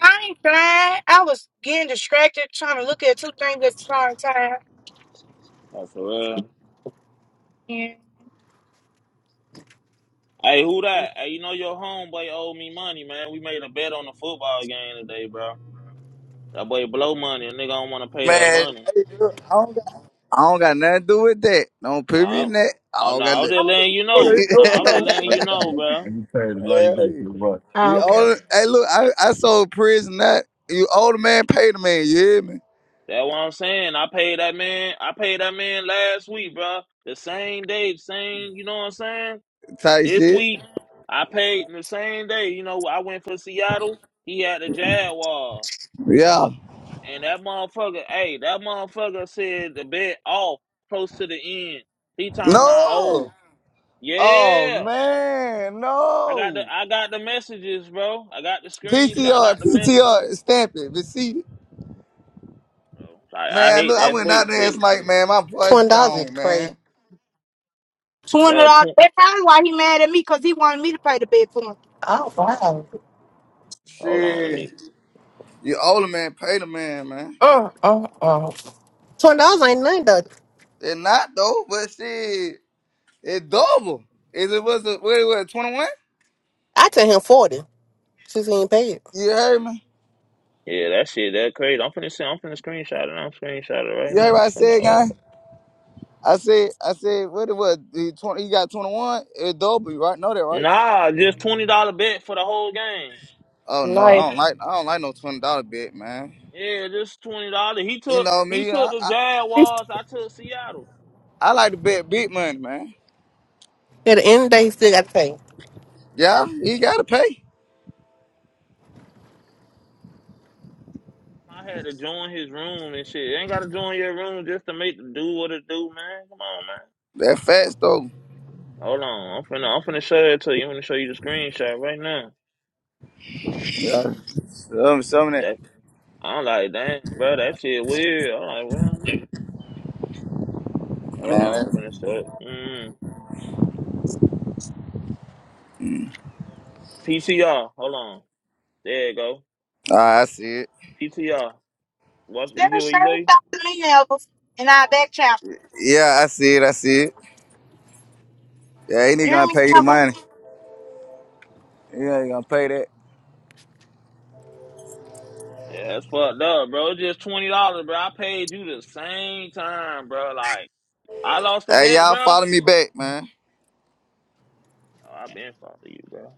[SPEAKER 4] I ain't flying. I was getting distracted trying to look at two things at the same time.
[SPEAKER 1] That's for real.
[SPEAKER 4] Yeah.
[SPEAKER 1] Hey, who that? Hey, you know your homeboy owed me money, man. We made a bet on the football game today, bro. That boy blow money. A nigga don't want to pay that
[SPEAKER 5] Man,
[SPEAKER 1] money.
[SPEAKER 5] hey, look, I don't got, I don't got nothing to do with that. Don't put me
[SPEAKER 1] Oh,
[SPEAKER 5] in that. I
[SPEAKER 1] oh
[SPEAKER 5] don't
[SPEAKER 1] no,
[SPEAKER 5] got
[SPEAKER 1] I was
[SPEAKER 5] nothing.
[SPEAKER 1] just
[SPEAKER 4] What
[SPEAKER 1] letting you
[SPEAKER 4] are you-
[SPEAKER 1] know. No,
[SPEAKER 4] oh,
[SPEAKER 1] I was just
[SPEAKER 4] no.
[SPEAKER 1] letting
[SPEAKER 4] Like,
[SPEAKER 1] you know, bro.
[SPEAKER 4] you pay the light, you gonna
[SPEAKER 5] hey,
[SPEAKER 4] get right. Ah,
[SPEAKER 5] you
[SPEAKER 4] okay.
[SPEAKER 5] old, hey, look, I, I sold prison that you older man pay the man. You hear me?
[SPEAKER 1] That's what I'm saying. I paid that man. I paid that man last week, bro. The same day, same. You know what I'm saying?
[SPEAKER 5] Type
[SPEAKER 1] This
[SPEAKER 5] shit.
[SPEAKER 1] week, I paid the same day. You know, I went for Seattle. He had the Jaguars.
[SPEAKER 5] Yeah.
[SPEAKER 1] And that motherfucker, hey, that motherfucker said the bet off close to the end. He talking about,
[SPEAKER 5] No.
[SPEAKER 1] oh,
[SPEAKER 5] Oh
[SPEAKER 1] yeah.
[SPEAKER 5] man,
[SPEAKER 1] I got the
[SPEAKER 5] no.
[SPEAKER 1] I got the messages, bro. I got the
[SPEAKER 5] P
[SPEAKER 1] screenshot.
[SPEAKER 5] T
[SPEAKER 1] I
[SPEAKER 5] R
[SPEAKER 1] got the
[SPEAKER 5] P
[SPEAKER 1] message,
[SPEAKER 5] T R stamp it, receipt it.
[SPEAKER 1] bro. Like I
[SPEAKER 5] Man,
[SPEAKER 1] hate
[SPEAKER 5] look, I
[SPEAKER 1] that
[SPEAKER 5] went out
[SPEAKER 1] fake
[SPEAKER 5] there. It's
[SPEAKER 1] shit,
[SPEAKER 5] like, man, my voice
[SPEAKER 2] Twenty dollars is
[SPEAKER 5] gone,
[SPEAKER 2] crazy.
[SPEAKER 5] man.
[SPEAKER 4] Twenty
[SPEAKER 1] bro.
[SPEAKER 4] dollars.
[SPEAKER 1] Tw-
[SPEAKER 4] That's probably why he mad at me because he wanted me to pay the bill for him.
[SPEAKER 2] Oh wow.
[SPEAKER 1] Hold on, let me.
[SPEAKER 5] Shit. You older man pay the man, man.
[SPEAKER 2] Uh uh uh. Twenty dollars ain't nothing though.
[SPEAKER 5] It's not though, but shit, it's double. Is it was a, what it was twenty one?
[SPEAKER 2] I tell him forty since he ain't paid.
[SPEAKER 5] You heard me?
[SPEAKER 1] Yeah, that shit that crazy. I'm finna send, I'm finna screenshot it. I'm screenshotting right
[SPEAKER 5] You heard
[SPEAKER 1] now.
[SPEAKER 5] what I
[SPEAKER 1] Finna,
[SPEAKER 5] said, guy?
[SPEAKER 1] uh,
[SPEAKER 5] I said, I said, what it was? He twenty, he got twenty one. It's double, you right? Know that, right?
[SPEAKER 1] nah, just twenty dollar bet for the whole game.
[SPEAKER 5] Oh no, I
[SPEAKER 2] Nice.
[SPEAKER 5] don't like, I don't like no twenty dollar bet, man.
[SPEAKER 1] Yeah, just twenty dollar. He
[SPEAKER 5] You
[SPEAKER 1] took
[SPEAKER 5] know
[SPEAKER 1] he
[SPEAKER 5] me, I,
[SPEAKER 1] took the
[SPEAKER 5] I,
[SPEAKER 1] Jaguars. I took Seattle.
[SPEAKER 5] I like to bet big money, man.
[SPEAKER 2] At the end of the day, he still got to pay.
[SPEAKER 5] Yeah, he gotta pay
[SPEAKER 1] I had to join his room and shit. ain't gotta join your room just to make do what it do, man. Come on, man.
[SPEAKER 5] that fast though.
[SPEAKER 1] Hold on. I'm finna I'm finna show it to you. I'm finna show you the screenshot right now.
[SPEAKER 5] Yeah, some, some of that,
[SPEAKER 1] That I'm like, damn, bro, that shit weird. I'm like, well, hold
[SPEAKER 5] man.
[SPEAKER 1] on, I'm
[SPEAKER 5] That,
[SPEAKER 1] finna show it. Mm. PTR, hold on. There you go.
[SPEAKER 5] Ah, I see it.
[SPEAKER 1] PTR. Watch you
[SPEAKER 4] Still
[SPEAKER 1] hear what you
[SPEAKER 4] same
[SPEAKER 1] say?
[SPEAKER 4] talk to me, Elvis, and I back channel.
[SPEAKER 5] Yeah, I see it. I see it. Yeah, he ain't
[SPEAKER 4] You hear
[SPEAKER 5] gonna
[SPEAKER 4] me,
[SPEAKER 5] pay you
[SPEAKER 4] Elvis?
[SPEAKER 5] money. Yeah, He ain't gonna pay that.
[SPEAKER 1] Yeah, that's fucked up, bro. It's Just twenty dollars, bro. I paid you the same time, bro. Like I lost a
[SPEAKER 5] Hey,
[SPEAKER 1] bet,
[SPEAKER 5] y'all
[SPEAKER 1] bro. Oh,
[SPEAKER 5] follow me back, man.
[SPEAKER 1] I've been following you, bro.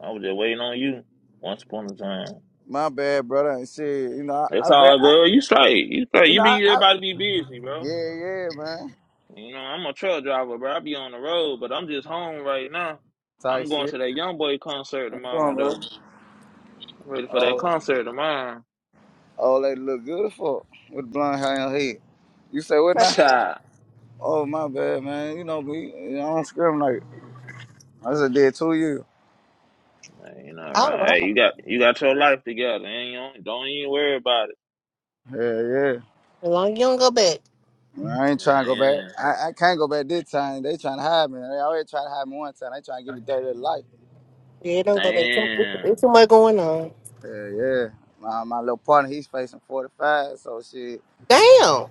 [SPEAKER 1] I was just waiting on you. Once upon a time.
[SPEAKER 5] My bad, brother. And shit, you know, I, I,
[SPEAKER 1] That's
[SPEAKER 5] re-
[SPEAKER 1] all,
[SPEAKER 5] I
[SPEAKER 1] bro. You straight. You straight.
[SPEAKER 5] you
[SPEAKER 1] You
[SPEAKER 5] know, I,
[SPEAKER 1] be
[SPEAKER 5] I,
[SPEAKER 1] everybody be busy, bro.
[SPEAKER 5] yeah, yeah, man.
[SPEAKER 1] You know, I'm a truck driver, bro. I be on the road, but I'm just home right now.
[SPEAKER 5] Tight
[SPEAKER 1] I'm going
[SPEAKER 5] shit.
[SPEAKER 1] to that young boy concert
[SPEAKER 5] What's going,
[SPEAKER 1] tomorrow
[SPEAKER 5] on, bro?
[SPEAKER 1] though. I'm ready for that
[SPEAKER 5] Oh,
[SPEAKER 1] concert tomorrow.
[SPEAKER 5] oh, lady look good as fuck with blonde hair and head. You say what now?
[SPEAKER 1] Cha.
[SPEAKER 5] Oh, my bad, man. You know me. I don't discriminate. I just did two years.
[SPEAKER 1] You know,
[SPEAKER 2] Oh
[SPEAKER 1] right.
[SPEAKER 2] wow.
[SPEAKER 1] Hey, you got you got your life together, and you don't, don't even worry about it.
[SPEAKER 5] Yeah, yeah.
[SPEAKER 2] As long as you don't go back.
[SPEAKER 5] Man, I ain't trying to
[SPEAKER 1] Yeah,
[SPEAKER 5] go back.
[SPEAKER 1] yeah.
[SPEAKER 5] I, I can't go back this time. They trying to hide me. They already tried to hide me one time. They trying to give me thirty to life.
[SPEAKER 2] Yeah, don't go back. Too- It's it's
[SPEAKER 1] Damn.
[SPEAKER 2] too much going on.
[SPEAKER 5] Yeah, yeah. My, my little partner, he's facing forty five. So shit.
[SPEAKER 2] Damn.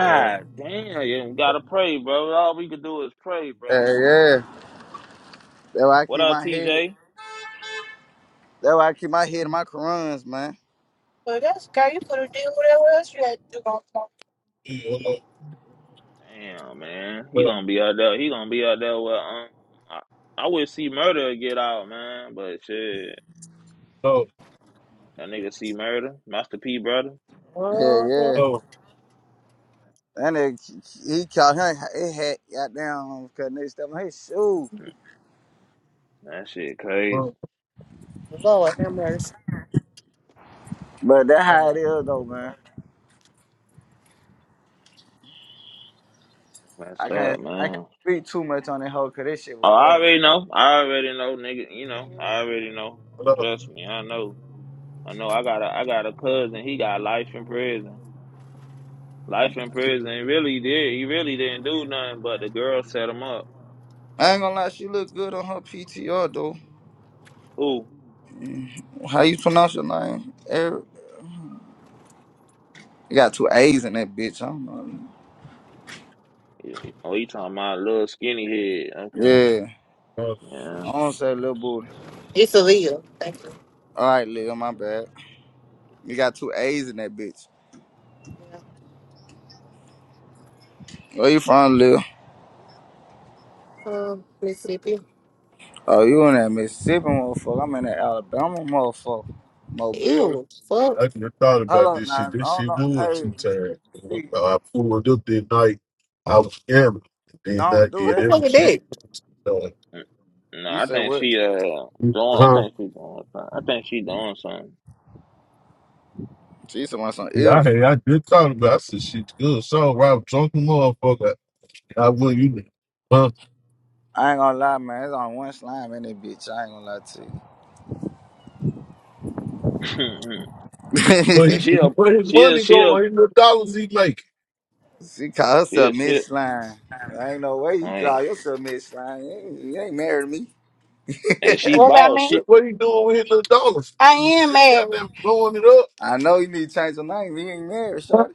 [SPEAKER 5] Yeah.
[SPEAKER 1] damn, you gotta pray, bro. All we can do is pray, bro.
[SPEAKER 5] Yeah, yeah. That's why I
[SPEAKER 1] What
[SPEAKER 5] keep
[SPEAKER 1] up,
[SPEAKER 5] my head.
[SPEAKER 1] TJ?
[SPEAKER 5] That's why I keep my head in my Qurans, man.
[SPEAKER 4] Well, that's okay. You put a deal whatever else you had to do on
[SPEAKER 1] Damn, man. He
[SPEAKER 4] Hello,
[SPEAKER 1] gonna be out there. He gonna be out there with um I, I wish see murder would get out, man, but shit.
[SPEAKER 4] hello,
[SPEAKER 1] That nigga see murder, Master P brother.
[SPEAKER 5] Yeah,
[SPEAKER 2] Uh-huh.
[SPEAKER 5] yeah.
[SPEAKER 4] hello,
[SPEAKER 5] That nigga, he caught him. It had goddamn cause nigga stepped on his shoe.
[SPEAKER 1] Mm, That shit crazy.
[SPEAKER 4] hello.
[SPEAKER 2] Lord, have mercy.
[SPEAKER 5] But that how it is though, man. I
[SPEAKER 1] Messed up,
[SPEAKER 5] can't, I can't
[SPEAKER 1] man.
[SPEAKER 5] speak too much on that hoe cause this shit
[SPEAKER 1] Oh, I
[SPEAKER 5] recorded.
[SPEAKER 1] already know. I already know, nigga. You know, I already know.
[SPEAKER 4] hello.
[SPEAKER 1] Trust me, I know. I know I got a I got a cousin, he got life in prison. Life in prison. He really did he really didn't do nothing but the girl set him up.
[SPEAKER 5] I ain't gonna lie, she look good on her PTR though.
[SPEAKER 1] Who?
[SPEAKER 5] How you pronounce your name? Eric? You got two A's in that bitch. I don't know.
[SPEAKER 1] Yeah. Oh, you talking about little skinny head. Okay.
[SPEAKER 5] Yeah.
[SPEAKER 4] Uh,
[SPEAKER 1] Yeah.
[SPEAKER 5] I don't say little booty.
[SPEAKER 2] It's illegal. Thank you.
[SPEAKER 5] All right, Lil, my bad. You got two A's in that bitch.
[SPEAKER 2] Yeah.
[SPEAKER 5] Where you from, Lil?
[SPEAKER 2] Um, Mississippi.
[SPEAKER 5] Oh, you in that Mississippi motherfucker. I'm in that Alabama motherfucker. Mobile.
[SPEAKER 2] Ew. Fuck.
[SPEAKER 4] I never thought about
[SPEAKER 5] Hello,
[SPEAKER 4] this
[SPEAKER 5] now,
[SPEAKER 4] shit. This
[SPEAKER 5] no,
[SPEAKER 4] shit
[SPEAKER 5] no,
[SPEAKER 4] was
[SPEAKER 5] hey,
[SPEAKER 4] two times. man.
[SPEAKER 5] see,
[SPEAKER 4] I pulled up that night. I was gambling. and Then I
[SPEAKER 5] don't do
[SPEAKER 2] What
[SPEAKER 4] did
[SPEAKER 2] the
[SPEAKER 5] that.
[SPEAKER 2] fuck
[SPEAKER 4] every
[SPEAKER 2] is
[SPEAKER 4] shit.
[SPEAKER 2] that?
[SPEAKER 4] So,
[SPEAKER 1] Mm, No,
[SPEAKER 5] You
[SPEAKER 1] I
[SPEAKER 5] say
[SPEAKER 1] think
[SPEAKER 5] what?
[SPEAKER 1] she uh doing. I
[SPEAKER 4] huh?
[SPEAKER 1] think she doing. Something. I think she doing something.
[SPEAKER 5] She said my son
[SPEAKER 4] Yeah, I
[SPEAKER 5] ill.
[SPEAKER 4] had, I did thought about. It. I said, "Shit, good." So, Rob, drunk motherfucker. I wouldn't, you know, huh?
[SPEAKER 5] I ain't gonna lie, man. It's on one slime in that bitch. I ain't gonna lie
[SPEAKER 4] Where he,
[SPEAKER 1] but
[SPEAKER 5] to
[SPEAKER 1] she
[SPEAKER 5] you.
[SPEAKER 1] a
[SPEAKER 4] where his
[SPEAKER 1] she a
[SPEAKER 4] money
[SPEAKER 1] she a
[SPEAKER 4] going? His little dollars he making.
[SPEAKER 5] she call
[SPEAKER 1] she
[SPEAKER 5] herself
[SPEAKER 1] a
[SPEAKER 5] Miss
[SPEAKER 1] shit.
[SPEAKER 5] Slime. There ain't no way you
[SPEAKER 1] Man,
[SPEAKER 5] call yourself Miss Slime. You ain't, you ain't married me.
[SPEAKER 1] and she
[SPEAKER 4] What about
[SPEAKER 1] bought
[SPEAKER 4] me? Said,
[SPEAKER 1] she
[SPEAKER 4] what he doing with his little dollars? I am married. goddamn blowing it up.
[SPEAKER 5] I know you need to change your name. You ain't married, shorty.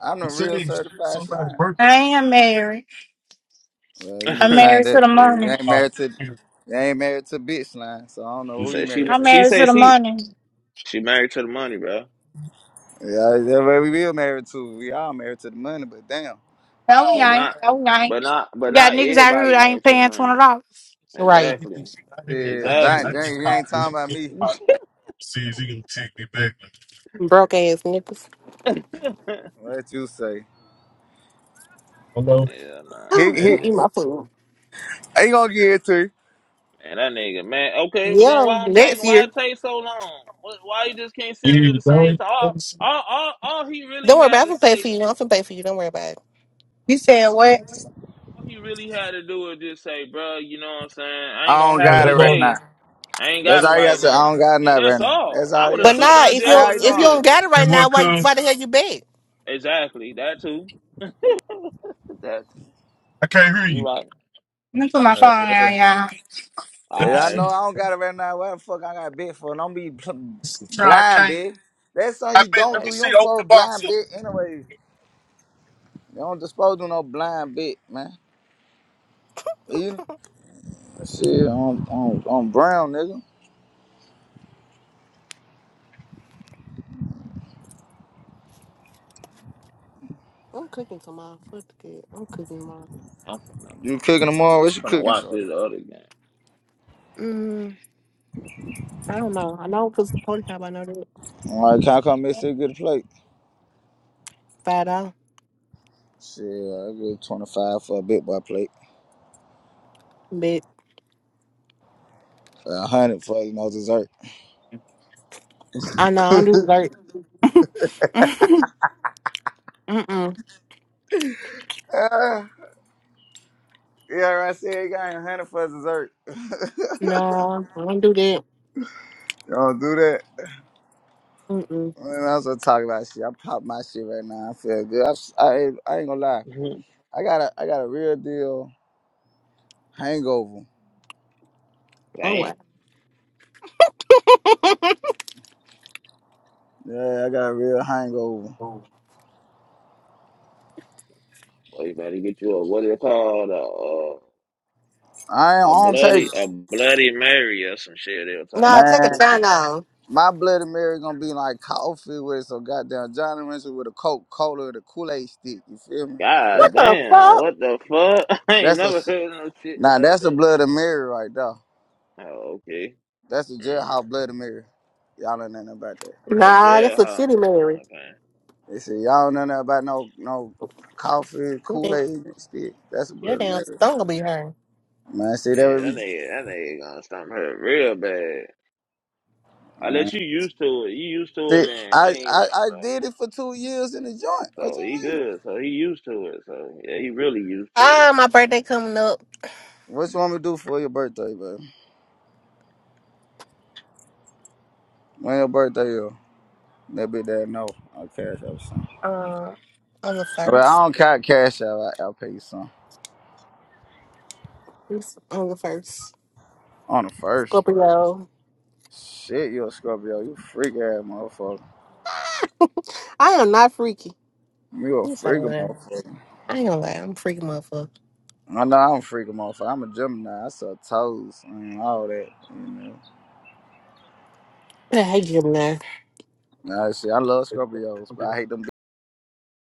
[SPEAKER 5] I'm the
[SPEAKER 4] He
[SPEAKER 5] real
[SPEAKER 4] said,
[SPEAKER 5] certified
[SPEAKER 4] "Somebody
[SPEAKER 5] slime.
[SPEAKER 4] birthday." I am married.
[SPEAKER 5] Well, you need
[SPEAKER 4] I'm
[SPEAKER 5] to change
[SPEAKER 4] married to the
[SPEAKER 5] that. 'cause You
[SPEAKER 4] money.
[SPEAKER 5] ain't married to, you ain't married to bitch line. So I don't know who you
[SPEAKER 1] said she
[SPEAKER 5] married
[SPEAKER 4] I'm
[SPEAKER 5] to.
[SPEAKER 1] she
[SPEAKER 4] married to
[SPEAKER 1] said
[SPEAKER 4] the
[SPEAKER 1] she
[SPEAKER 4] money.
[SPEAKER 1] she married to the money, bro.
[SPEAKER 5] Yeah, that's what we all married to. We all married to the money, but damn,
[SPEAKER 4] No, we
[SPEAKER 1] But
[SPEAKER 4] ain't.
[SPEAKER 1] not
[SPEAKER 4] No, we
[SPEAKER 1] but
[SPEAKER 4] ain't.
[SPEAKER 1] not but
[SPEAKER 4] We got
[SPEAKER 1] not
[SPEAKER 4] niggas out here
[SPEAKER 1] everybody
[SPEAKER 4] that ain't
[SPEAKER 1] married to the
[SPEAKER 4] paying
[SPEAKER 1] money.
[SPEAKER 4] twenty dollars.
[SPEAKER 2] Right.
[SPEAKER 4] You
[SPEAKER 1] Exactly,
[SPEAKER 5] shit, dang,
[SPEAKER 1] exactly.
[SPEAKER 5] dang, he ain't talking about me.
[SPEAKER 2] Broke ass niggas.
[SPEAKER 1] yeah,
[SPEAKER 5] What you say?
[SPEAKER 1] nah,
[SPEAKER 5] He he,
[SPEAKER 1] that
[SPEAKER 2] Eat my food.
[SPEAKER 5] he gonna get it to you.
[SPEAKER 1] Man, that nigga, man. Okay, then
[SPEAKER 2] Yeah.
[SPEAKER 1] why I'm
[SPEAKER 2] Next
[SPEAKER 1] taking? Why
[SPEAKER 2] year.
[SPEAKER 1] it take so long? What, why you just can't send it at the same time? All, all, all, all he really
[SPEAKER 2] Don't worry
[SPEAKER 1] had
[SPEAKER 2] about it.
[SPEAKER 1] to
[SPEAKER 2] I'm finna pay for
[SPEAKER 1] say,
[SPEAKER 2] you. I'm finna pay for you. Don't worry about it.
[SPEAKER 4] said what?
[SPEAKER 1] all he really had to do was just say, "Bro, you know what I'm saying? I ain't
[SPEAKER 5] I
[SPEAKER 1] gonna
[SPEAKER 5] don't
[SPEAKER 1] have it
[SPEAKER 5] got it
[SPEAKER 4] Let
[SPEAKER 5] right now.
[SPEAKER 1] today. I ain't
[SPEAKER 5] That's
[SPEAKER 1] got it
[SPEAKER 5] all you gotta
[SPEAKER 1] right
[SPEAKER 5] say. I
[SPEAKER 1] now."
[SPEAKER 5] don't got it
[SPEAKER 1] And
[SPEAKER 5] now
[SPEAKER 1] that's
[SPEAKER 5] right now.
[SPEAKER 1] all.
[SPEAKER 5] That's
[SPEAKER 1] I
[SPEAKER 5] all
[SPEAKER 1] would
[SPEAKER 5] you
[SPEAKER 1] have
[SPEAKER 5] gotta
[SPEAKER 2] But
[SPEAKER 5] say.
[SPEAKER 1] took
[SPEAKER 2] nah,
[SPEAKER 1] that
[SPEAKER 2] if you
[SPEAKER 5] Hey,
[SPEAKER 1] just
[SPEAKER 5] how
[SPEAKER 1] what
[SPEAKER 5] you
[SPEAKER 1] it
[SPEAKER 2] if you
[SPEAKER 5] doing?
[SPEAKER 2] don't
[SPEAKER 1] is.
[SPEAKER 2] got it right now, why why the hell you beg?
[SPEAKER 1] Exactly, that too. that too. You right.
[SPEAKER 4] me put my
[SPEAKER 5] Uh,
[SPEAKER 4] phone
[SPEAKER 5] yeah.
[SPEAKER 4] down,
[SPEAKER 1] All
[SPEAKER 5] Yeah, I
[SPEAKER 1] right.
[SPEAKER 5] know I don't got it right now. What the fuck I got bit for? Don't be pl- blind, bitch. That's something you don't
[SPEAKER 2] Right.
[SPEAKER 5] do. You don't supposed to
[SPEAKER 4] y'all.
[SPEAKER 5] blind bit anyway. They don't dispose of no blind bitch, man. You shit, I'm, I'm, I'm brown, nigga.
[SPEAKER 2] I'm cooking tomorrow. Fuck the kid. I'm cooking tomorrow.
[SPEAKER 1] I'm finna,
[SPEAKER 5] You cooking tomorrow? What you
[SPEAKER 1] I'm finna
[SPEAKER 5] cooking,
[SPEAKER 1] watch
[SPEAKER 5] shorty?
[SPEAKER 1] this other
[SPEAKER 2] Mm. I don't know. I know because the police have I know that
[SPEAKER 5] All right, can I come miss and get a plate?
[SPEAKER 2] five dollars,
[SPEAKER 5] Shit, I give 25 for a big boy plate.
[SPEAKER 2] but
[SPEAKER 5] A hundred for, you know, dessert.
[SPEAKER 2] I know I don't do dirt. Mm-mm.
[SPEAKER 5] Uh, yeah, right. See, you got a hundred for dessert.
[SPEAKER 2] No, I don't do that.
[SPEAKER 5] Don't do that.
[SPEAKER 2] Mm-mm.
[SPEAKER 5] Man, I was gonna talk about shit. I pop my shit right now. I feel good. I ain't- I ain't gonna lie.
[SPEAKER 1] game.
[SPEAKER 5] I got a, I got a real deal hangover.
[SPEAKER 2] Oh wow.
[SPEAKER 1] Damn,
[SPEAKER 5] Yeah, I got a real hangover.
[SPEAKER 1] boy, you better get you a what it called? A, uh,
[SPEAKER 5] I ain't
[SPEAKER 1] A
[SPEAKER 5] not take
[SPEAKER 1] bloody, a bloody Mary or some shit they were talking
[SPEAKER 2] Nah,
[SPEAKER 1] about.
[SPEAKER 2] take a
[SPEAKER 5] Man,
[SPEAKER 1] Some
[SPEAKER 2] time
[SPEAKER 1] shit.
[SPEAKER 2] now.
[SPEAKER 5] my Bloody Mary gonna be like coffee with some goddamn Johnny Rancher with a Coke Cola and a Kool Aid stick. You feel me? That
[SPEAKER 1] God
[SPEAKER 2] What the
[SPEAKER 1] damn,
[SPEAKER 2] fuck?
[SPEAKER 1] what the fuck? I ain't
[SPEAKER 5] that's a
[SPEAKER 1] never
[SPEAKER 5] s-
[SPEAKER 1] heard no shit
[SPEAKER 5] now
[SPEAKER 1] like
[SPEAKER 5] that's a
[SPEAKER 1] that.
[SPEAKER 5] Bloody Mary right there.
[SPEAKER 1] Oh, okay.
[SPEAKER 5] That's a
[SPEAKER 1] Mm.
[SPEAKER 5] jailhouse Bloody Mary. Y'all don't know nothing about that.
[SPEAKER 1] Oh,
[SPEAKER 2] Nah, that's
[SPEAKER 1] jail,
[SPEAKER 2] a
[SPEAKER 1] huh?
[SPEAKER 2] city
[SPEAKER 1] Oh,
[SPEAKER 2] Mary.
[SPEAKER 1] okay.
[SPEAKER 5] They say y'all don't know nothing about no no coffee
[SPEAKER 2] You
[SPEAKER 5] Kool
[SPEAKER 2] think
[SPEAKER 5] Aid and stick. That's a
[SPEAKER 2] your
[SPEAKER 5] Bloody
[SPEAKER 2] damn
[SPEAKER 5] Mary.
[SPEAKER 2] stung will be hurt.
[SPEAKER 5] Man, see that
[SPEAKER 1] Yeah,
[SPEAKER 5] would
[SPEAKER 1] that
[SPEAKER 5] be.
[SPEAKER 1] nigga, that nigga gonna stomp her real bad.
[SPEAKER 5] Uh,
[SPEAKER 1] Unless you used to it. You used to it
[SPEAKER 5] see,
[SPEAKER 1] then. They
[SPEAKER 5] I,
[SPEAKER 1] ain't
[SPEAKER 5] I
[SPEAKER 1] worrying
[SPEAKER 5] I
[SPEAKER 1] about it.
[SPEAKER 5] did it for two years in the joint. What
[SPEAKER 1] So
[SPEAKER 5] you
[SPEAKER 1] he
[SPEAKER 5] mean?
[SPEAKER 1] good. So he used to it. So yeah, he really used to it.
[SPEAKER 2] Ah, my
[SPEAKER 1] So,
[SPEAKER 2] birthday coming up.
[SPEAKER 5] What you want me to do for your birthday, baby? When your birthday is? That be that no. I'll cash out some.
[SPEAKER 2] Uh, on the
[SPEAKER 5] But I
[SPEAKER 2] first.
[SPEAKER 5] don't count cash out. I, I'll pay you some.
[SPEAKER 2] It's on the first.
[SPEAKER 5] On the first.
[SPEAKER 2] Scorpio.
[SPEAKER 5] Shit, you a Scorpio. You freak ass motherfucker.
[SPEAKER 2] I am not freaky.
[SPEAKER 5] You a
[SPEAKER 2] You say
[SPEAKER 5] freak
[SPEAKER 2] that.
[SPEAKER 5] motherfucker.
[SPEAKER 2] I ain't gonna lie, I'm a freaky motherfucker.
[SPEAKER 5] I know I'm a freak motherfucker. I'm a Gemini. I suck toes and all that. You know.
[SPEAKER 2] I hate Gemini.
[SPEAKER 5] Nah, shit, I love Scorpios, but I hate them